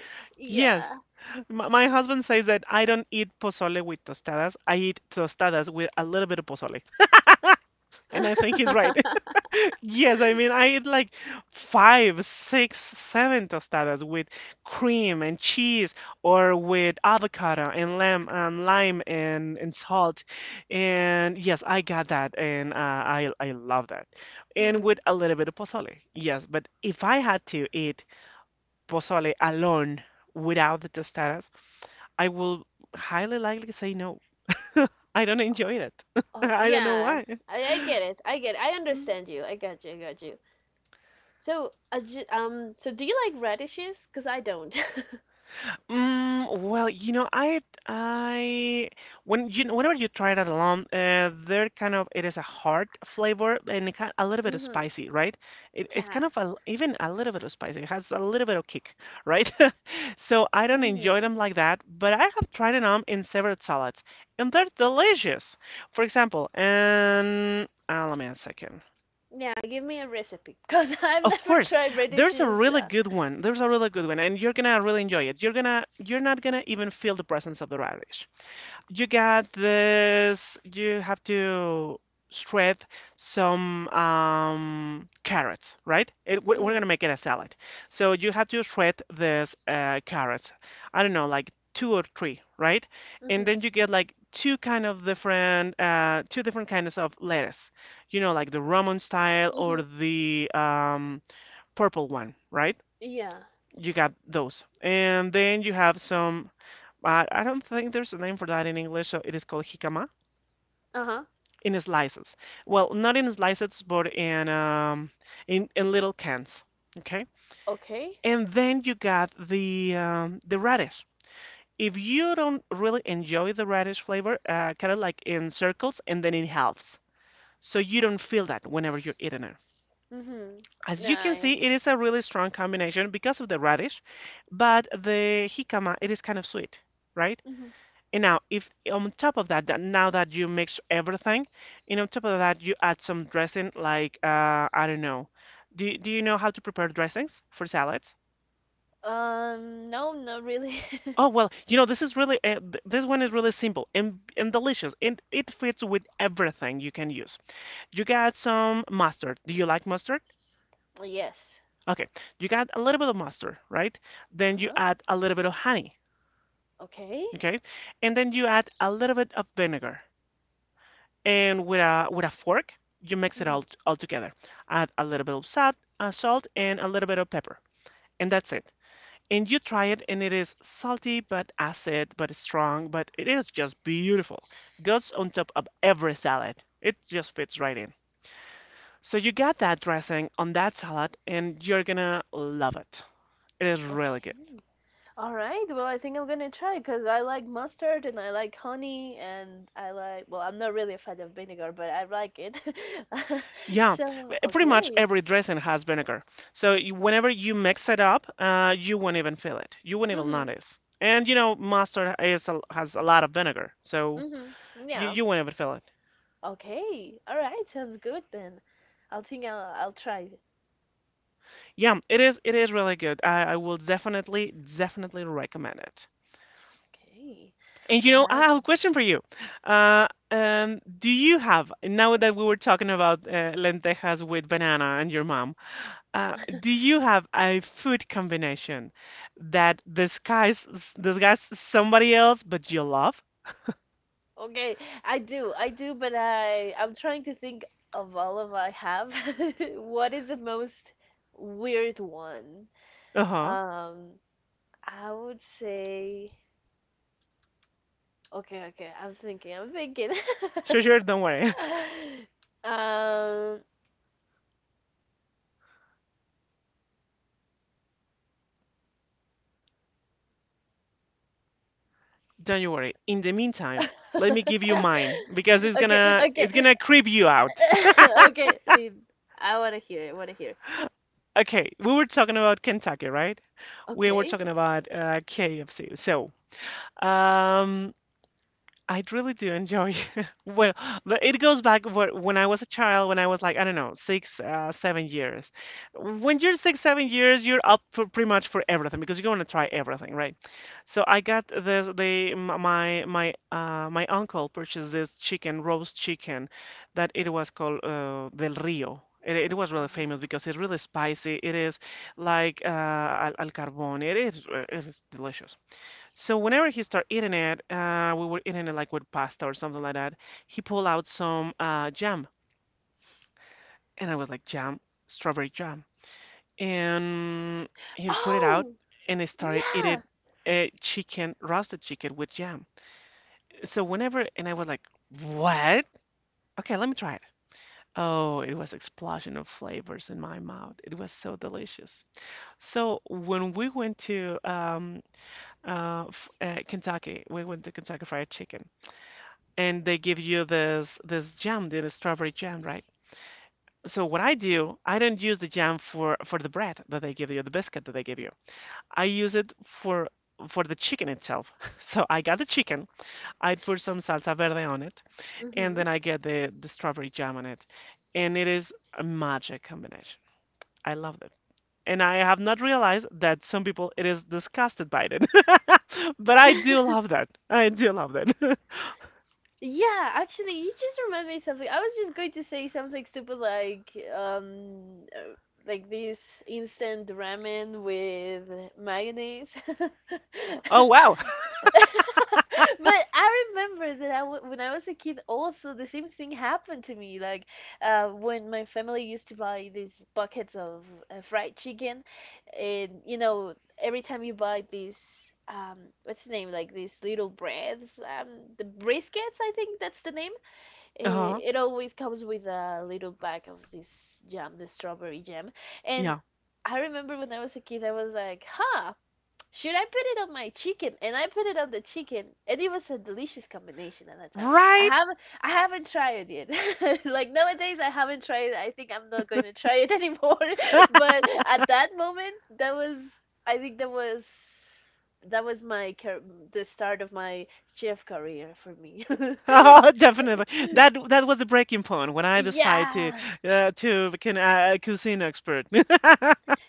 A: Yes.
B: Yeah.
A: My husband says that I don't eat pozole with tostadas. I eat tostadas with a little bit of pozole. And I think he's right. Yes, I mean, I eat like five, six, seven tostadas with cream and cheese or with avocado and lamb, lime and salt. And yes, I got that and I love that. And with
B: Mhm.
A: a little bit of pozole. Yes, but if I had to eat pozole alone without the tostadas, I will highly likely say no. I don't enjoy it.
B: Oh,
A: I don't know
B: yeah.
A: why.
B: I get it. I get it. I understand you. I got you. I got you. So do you like radishes? Cause I don't.
A: Well, I when you whenever you try that alone, they're kind of it is a hard flavor and it kind a little bit of
B: Mhm.
A: spicy, right? It's kind
B: Yeah.
A: of even a little bit of spicy. It has a little bit of kick, right? So I don't enjoy
B: Mhm.
A: them like that, but I have tried them in several salads and they're delicious. For example, and let me a second.
B: Yeah. Give me a recipe. Cause I've
A: Of
B: never
A: course,
B: tried
A: there's a
B: radishes.
A: really good one. There's a really good one, and you're gonna really enjoy it. You're not gonna even feel the presence of the radish. You got this. You have to shred some carrots, right? We're
B: Mhm.
A: gonna make it a salad. So you have to shred this carrots. I don't know, like two or three, right? And
B: Mhm.
A: then you get like two different kinds of lettuce. You know, like the Roman style or
B: Mhm.
A: the purple one, right?
B: Yeah.
A: You got those. And then you have I don't think there's a name for that in English, so it is called jicama
B: Uh huh.
A: in slices. Well, not in slices, but in little cans, okay?
B: Okay.
A: And then you got the radish. If you don't really enjoy the radish flavor, cut it like in circles and then in halves, so you don't feel that whenever you're eating it.
B: Mhm.
A: As you
B: Nah.
A: can
B: Yeah.
A: see, it is a really strong combination because of the radish, but the jicama, it is kind of sweet, right?
B: Mhm.
A: And now, if on top of that, now that you mix everything, and on top of that, you add some dressing, like I don't know. Do you know how to prepare dressings for salads?
B: No. Not really.
A: Oh well, you know this one is really simple and delicious, and it fits with everything you can use. You got some mustard. Do you like mustard?
B: Yes.
A: Okay, you got a little bit of mustard, right?
B: Uh
A: Then you
B: huh.
A: add a little bit of honey,
B: Okay.
A: okay? And then you add a little bit of vinegar. And with a fork, you mix it
B: Mhm.
A: all together. Add a little bit of salt and a little bit of pepper. And that's it. And you try it and it is salty but acid but strong, but it is just beautiful. Goes on top of every salad. It just fits right in. So you got that dressing on that salad and you're gonna love it. It is really good.
B: Okay. All right. Well, I think I'm gonna try because I like mustard and I like honey and I like, well, I'm not really a fan of vinegar, but I like it.
A: Yeah,
B: So,
A: pretty much
B: okay.
A: every dressing has vinegar. So whenever you mix it up, you won't even feel it. You won't even
B: Mhm.
A: notice. And you know, mustard is has a lot of vinegar, so
B: Mhm.
A: you,
B: Yeah.
A: you won't even feel it.
B: Okay. All right. Sounds good then. I'll think I'll try it.
A: Yeah, it is really good. I will definitely definitely recommend it.
B: Okay.
A: And you
B: All
A: know, I
B: right
A: have a
B: then.
A: question for you. Do you have now that we were talking about lentejas with banana and your mom? Do you have a food combination that disguise somebody else but you love?
B: Okay. I do. I do, but I'm trying to think of all of I have. What is the most weird one?
A: Uh-huh.
B: Um, I would say. Okay, okay. I'm thinking. I'm thinking.
A: Sure, sure, don't worry.
B: Um.
A: Don't you worry. In the meantime, let me give you mine because it's
B: Okay,
A: gonna it's
B: okay.
A: gonna creep you out.
B: Okay. Dude, I want to hear it. I want to hear it.
A: Okay, we were talking about Kentucky, right? We were
B: Okay.
A: talking about KFC. So, um, I really do enjoy. Well, but it goes back where, when I was a child, when I was like, I don't know, 6, 7 years. When you're 6, 7 years, you're up for pretty much for everything because you're going to try everything, right? So I got this, They m- my my uncle purchased this chicken, roast chicken, that it was called Del Rio. It was really famous
B: Uh-huh.
A: because it's really spicy. It is like al carbone. It is delicious. So whenever he started eating it, we were eating it like with pasta or something like that. He pulled out some jam, and I was like, jam, strawberry jam, and he put it out,
B: Oh,
A: and he started eating
B: yeah.
A: roasted chicken with jam. And I was like, what? Okay, let me try it. Oh, it was explosion of flavors in my mouth. It was so delicious. So when we went to Kentucky, we went to Kentucky Fried Chicken. And they give you this jam, the strawberry jam, right? So what I do, I don't use the jam for the bread that they give you, the biscuit that they give you. I use it for the chicken itself. So I got the chicken, I put some salsa verde on it, and
B: Mm-hmm.
A: then I get the strawberry jam on it, and it is a magic combination. I love it. And I have not realized that some people it is disgusted by it. But I do love that. I do love that.
B: Yeah, actually, you just reminded me something. I was just going to say something stupid like this instant ramen with mayonnaise.
A: Oh wow.
B: But I remember that I w when I was a kid, also the same thing happened to me. Like when my family used to buy these buckets of fried chicken, and every time you buy these, what's the name? Like these little breads, the briskets, I think that's the name. It,
A: Uh-huh.
B: it always comes with a little bag of this jam, the strawberry jam, and.
A: Yeah.
B: I remember when I was a kid, I was like, huh, should I put it on my chicken? And I put it on the chicken, and it was a delicious combination at that time.
A: Right?
B: I haven't tried it yet. Like nowadays, I haven't tried it. I think I'm not going to try it anymore. But at that moment, that was, I think that was my car the start of my chef career for me.
A: Oh, definitely. That was the breaking point when I decided
B: Yeah.
A: to become a cuisine expert.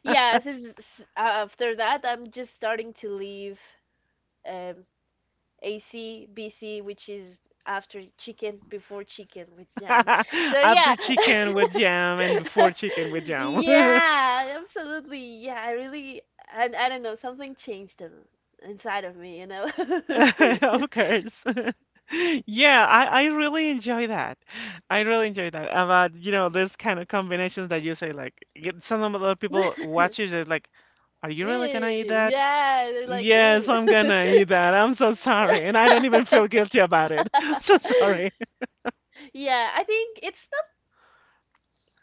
B: Yeah, since after that, I'm just starting to leave um, AC, BC, which is after chicken, before chicken with jam. So yeah.
A: After chicken with jam and before chicken with jam.
B: Yeah, absolutely. Yeah, I really, and I don't know, something changed inside of me, you know?
A: Of course. Yeah, I really enjoy that. I really enjoy that about, this kind of combinations that you say like some of the people watches is like, are you
B: Ew,
A: really gonna eat that?
B: yeah, they're like,
A: Yes,
B: "Ew."
A: I'm gonna eat that. I'm so sorry. And I don't even feel guilty about it. So sorry.
B: Yeah, I think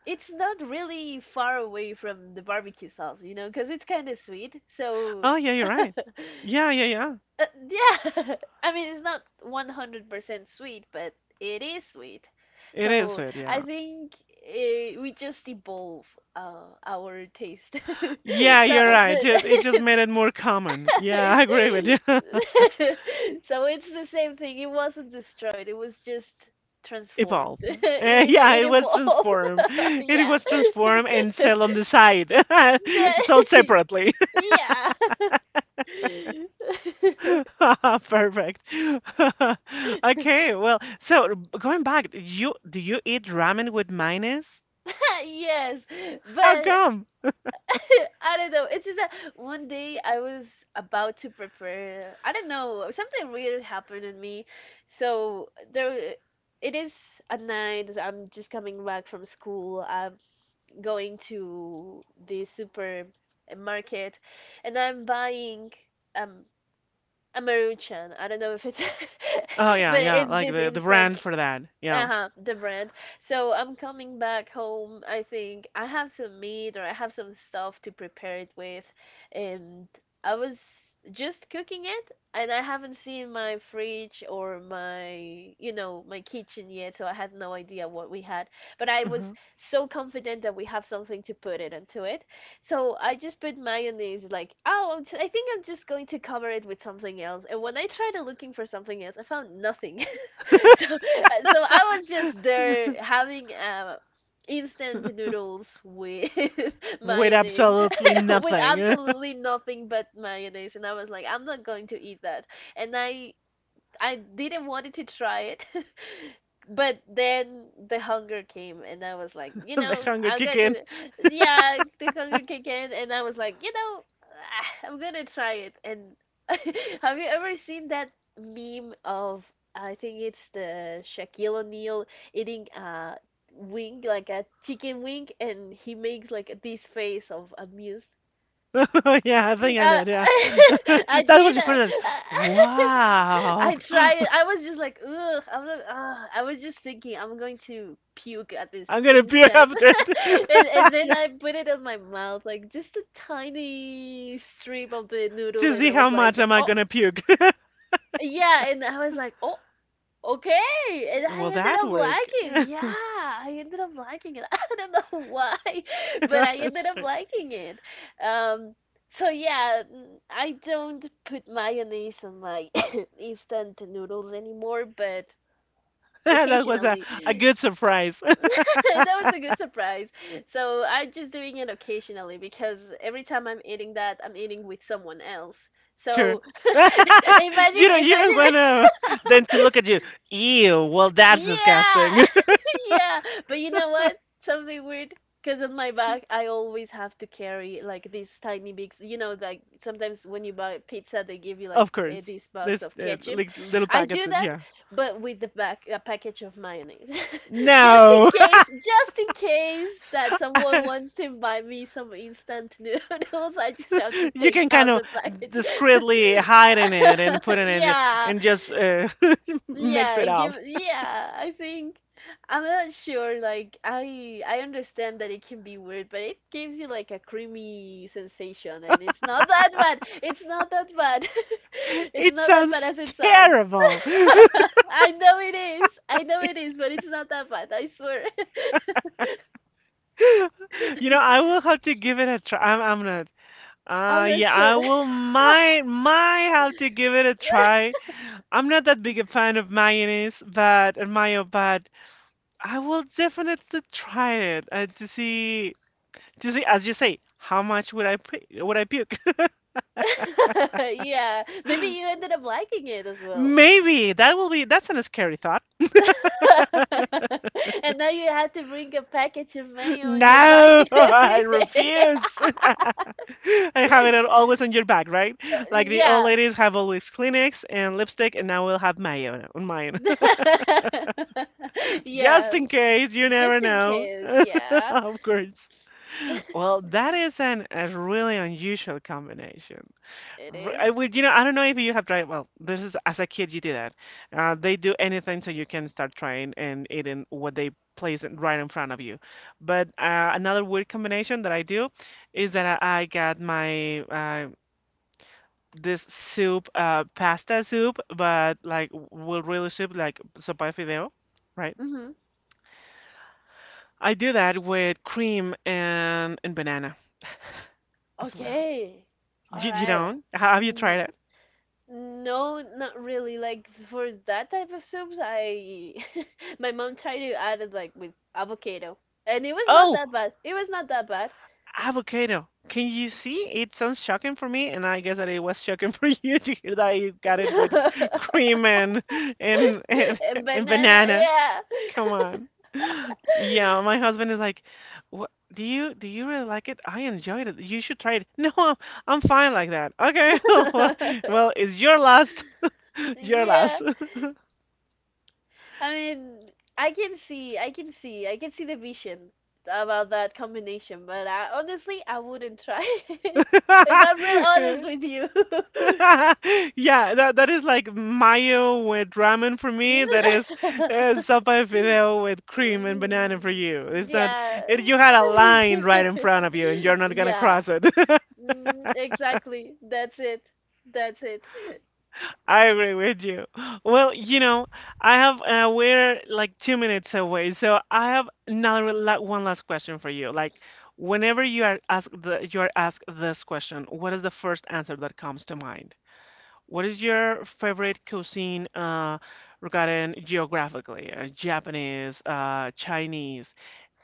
B: it's not really far away from the barbecue sauce, you know, because it's kind of sweet. So
A: Oh, yeah, you're right. Yeah, yeah, yeah.
B: Yeah, I mean it's not 100% sweet, but it is sweet.
A: It is
B: So
A: sweet,
B: I
A: yeah.
B: think we just evolve our taste.
A: Yeah,
B: So
A: you're right. Just it just
B: the
A: made it more common. Yeah, I
B: it's
A: agree with you.
B: so it's the same thing. It wasn't destroyed. It was just transformed.
A: Evolve.
B: It
A: Yeah,
B: it
A: it was
B: evolved.
A: transform. It
B: Yeah.
A: was transform and sell on the side. Sold
B: The-
A: separately.
B: yeah.
A: Perfect. Okay, well, so going back, you do you eat ramen with mayonnaise?
B: Yes,
A: How
B: but
A: come?
B: I don't know. It's just that one day I was about to prepare. I don't know. Something weird happened in me. So there, it is at night. I'm just coming back from school. I'm going to the supermarket, and I'm buying um a maruchan. I don't know if it's,
A: Oh yeah,
B: but
A: yeah,
B: it's
A: like
B: this
A: the
B: instant.
A: brand for that. Yeah.
B: Uh-huh, the brand. So I'm coming back home. I think I have some meat or I have some stuff to prepare it with. And I was just cooking it and I haven't seen my fridge or my kitchen yet, so I had no idea what we had. But I was
A: Mhm.
B: so confident that we have something to put it into it. So I just put mayonnaise like, oh, I think I'm just going to cover it with something else. And when I tried looking for something else, I found nothing. So, so I was just there having instant noodles with
A: With
B: mayonnaise,
A: absolutely
B: with
A: nothing.
B: absolutely nothing but mayonnaise, and I was like, I'm not going to eat that. And I didn't wanted to try it. But then the hunger came, and I was like, you
A: The
B: know,
A: hunger kick in.
B: yeah, the hunger kicked in, and I was like, you know, ah, I'm gonna try it. And have you ever seen that meme of, I think it's the Shaquille O'Neal eating a wing, like a chicken wing, and he makes like this face of amused
A: Yeah, I think I
B: uh,
A: did, yeah.
B: I
A: That was
B: did.
A: the first like, wow.
B: I tried. I was just like, ugh. I'm not, I was just thinking, I'm going to puke at this
A: I'm gonna puke
B: instant,
A: after it.
B: and then
A: Yeah.
B: I put it on my mouth, like just a tiny strip of the noodle,
A: To
B: and
A: see
B: I
A: how
B: was
A: much
B: like,
A: am I
B: oh
A: gonna puke.
B: yeah, and I was like, oh, okay, and I
A: Will
B: ended
A: that
B: up
A: work?
B: liking. Yeah, I ended up liking it. I don't know why, but I ended up
A: Sure.
B: liking it. Um, so yeah, mm, I don't put mayonnaise on my instant noodles anymore, but
A: That was a,
B: occasionally.
A: a good surprise.
B: That was a good surprise. So I'm just doing it occasionally because every time I'm eating that, I'm eating with someone else.
A: Sure.
B: So
A: You
B: imagine,
A: don't you don't
B: imagine.
A: wanna then to look at you. Ew, well that's disgusting.
B: Yeah, yeah, but you know what? Something weird. Because on my back, I always have to carry like these tiny bags. You know, like sometimes when you buy pizza, they give you like
A: Of course.
B: this box
A: There's
B: of ketchup.
A: like little
B: I
A: packets.
B: do that,
A: Yeah.
B: but with the back a package of mayonnaise,
A: No.
B: just in case that someone wants to buy me some instant noodles, I just have to
A: You
B: take
A: can kind
B: out
A: of
B: the package.
A: discreetly hide in it and put in it
B: Yeah,
A: and just mix
B: yeah,
A: it
B: and give
A: up.
B: yeah, I think I'm not sure like I understand that it can be weird, but it gives you like a creamy sensation and it's not that bad. It's not that bad. It's
A: It
B: not that bad
A: sounds
B: as it sounds.
A: terrible.
B: I know it is. I know it is, but it's not that bad, I swear.
A: I will have to give it a try. I'm not.
B: I'm
A: Uh,
B: not
A: yeah, I
B: sure.
A: will might have to give it a try. I'm not that big a fan of mayonnaise, but and mayo, but I will definitely try it to see. To see, as you say, how much would I puke?
B: Yeah, maybe you ended up liking it as well.
A: Maybe that will be. That's a scary thought.
B: And now you have to bring a package of mail on your bike
A: No,
B: every
A: I
B: day.
A: refuse. I have it always on your back, right? Like the old
B: Yeah.
A: ladies have always Kleenex and lipstick, and now we'll have mayo on mine. Just
B: Yeah,
A: in case, you never
B: just in
A: know.
B: case. Yeah,
A: Of course. Well, that is a really unusual combination.
B: it is.
A: I don't know if you have tried. Well, this is as a kid you do that. They do anything so you can start trying and eating what they place right in front of you. But another weird combination that I do is that I got my pasta soup, but like will really soup like sopa de fideo, right?
B: Mm-hmm.
A: I do that with cream and banana as well.
B: Okay. All
A: You
B: right.
A: don't? Have you
B: N-
A: tried it?
B: No, not really. Like for that type of soups, I my mom tried to add it like with avocado, and it was not
A: Oh,
B: that bad. It was not that bad.
A: avocado. Can you see? It sounds shocking for me, and I guess that it was shocking for you to hear that you got it with cream and and,
B: And
A: and
B: banana,
A: banana.
B: yeah.
A: Come on. Yeah, my husband is like, "What do you really like it? I enjoyed it. You should try it." No, I'm fine like that. Okay. Well, well, it's your last. Your
B: Yeah,
A: last.
B: I mean, I can see, I can see, I can see the vision about that combination, but I honestly, I wouldn't try it. If I'm real honest with you.
A: Yeah, that is like mayo with ramen for me. That is sopa de fideo with cream and banana for you.
B: Mm,
A: It's not
B: yeah.
A: it, you had a line right in front of you, and you're not gonna
B: Yeah.
A: cross it.
B: Mm, exactly. That's it. That's it.
A: I agree with you. Well, I have we're like 2 minutes away, so I have another la one last question for you. Like, whenever you are asked this question, what is the first answer that comes to mind? What is your favorite cuisine regarding geographically? Japanese, Chinese,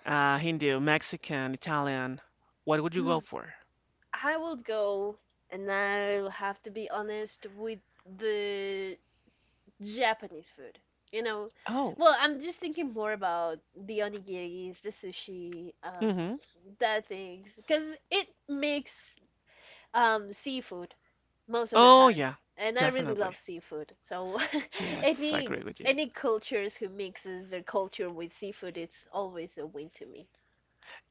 A: Hindu, Mexican, Italian. What would you go for?
B: I will go, and I'll have to be honest with the Japanese food. You know,
A: Oh,
B: well, I'm just thinking more about the onigiris, the sushi,
A: mm-hmm.
B: that things, because it makes seafood most of the
A: Oh,
B: time,
A: yeah,
B: and I really love
A: definitely.
B: seafood. So
A: Yes, I
B: any
A: agree with you.
B: any cultures who mixes their culture with seafood, it's always a win to me.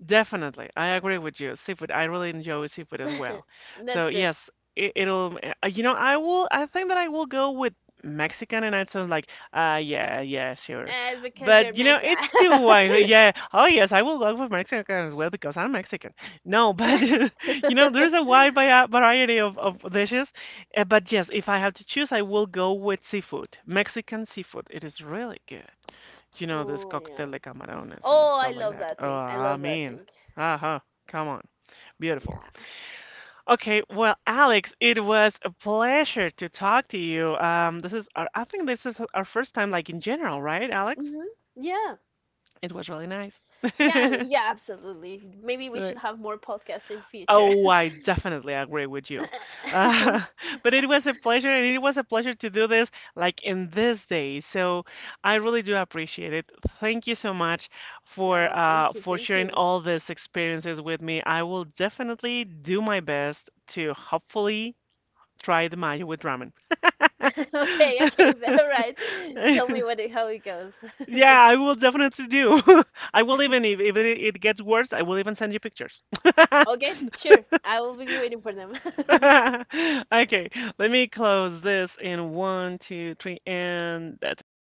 A: Definitely, I agree with you. Seafood, I really enjoy seafood as well.
B: That's
A: So
B: good.
A: yes, it'll. You know, I will. I think that I will go with Mexican, and it sounds like, yeah, yeah, sure.
B: And because you're
A: But
B: Mexican.
A: it's too wide. Yeah. Oh yes, I will go with Mexican as well because I'm Mexican. No, but there's a wide variety of dishes. But yes, if I have to choose, I will go with seafood. Mexican seafood. It is really good this
B: Oh yeah.
A: cóctel de camarones and
B: Oh, I
A: stuff like
B: love
A: that.
B: that
A: Oh,
B: thing. I
A: I
B: love that
A: mean,
B: thing.
A: uh-huh. Come on. Beautiful.
B: Yeah.
A: Okay, well, Alex, it was a pleasure to talk to you. I think this is our first time like in general, right, Alex?
B: Hmm. Yeah.
A: It was really nice.
B: Yeah, yeah, absolutely. Maybe we should
A: Right.
B: have more podcasts in future.
A: Oh, I definitely agree with you. Uh, but it was a pleasure, and it was a pleasure to do this like in this day. So I really do appreciate it. Thank you so much for
B: No,
A: uh,
B: thank you,
A: for
B: thank
A: sharing
B: you.
A: all these experiences with me. I will definitely do my best to hopefully try the mayo with ramen.
B: Okay, okay, then, all right. Tell me what it, how it goes.
A: Yeah, I will definitely do. I will even if it gets worse, I will even send you pictures.
B: Okay, sure. I will be waiting for them.
A: Okay, let me close this in one, two, three, and that's it.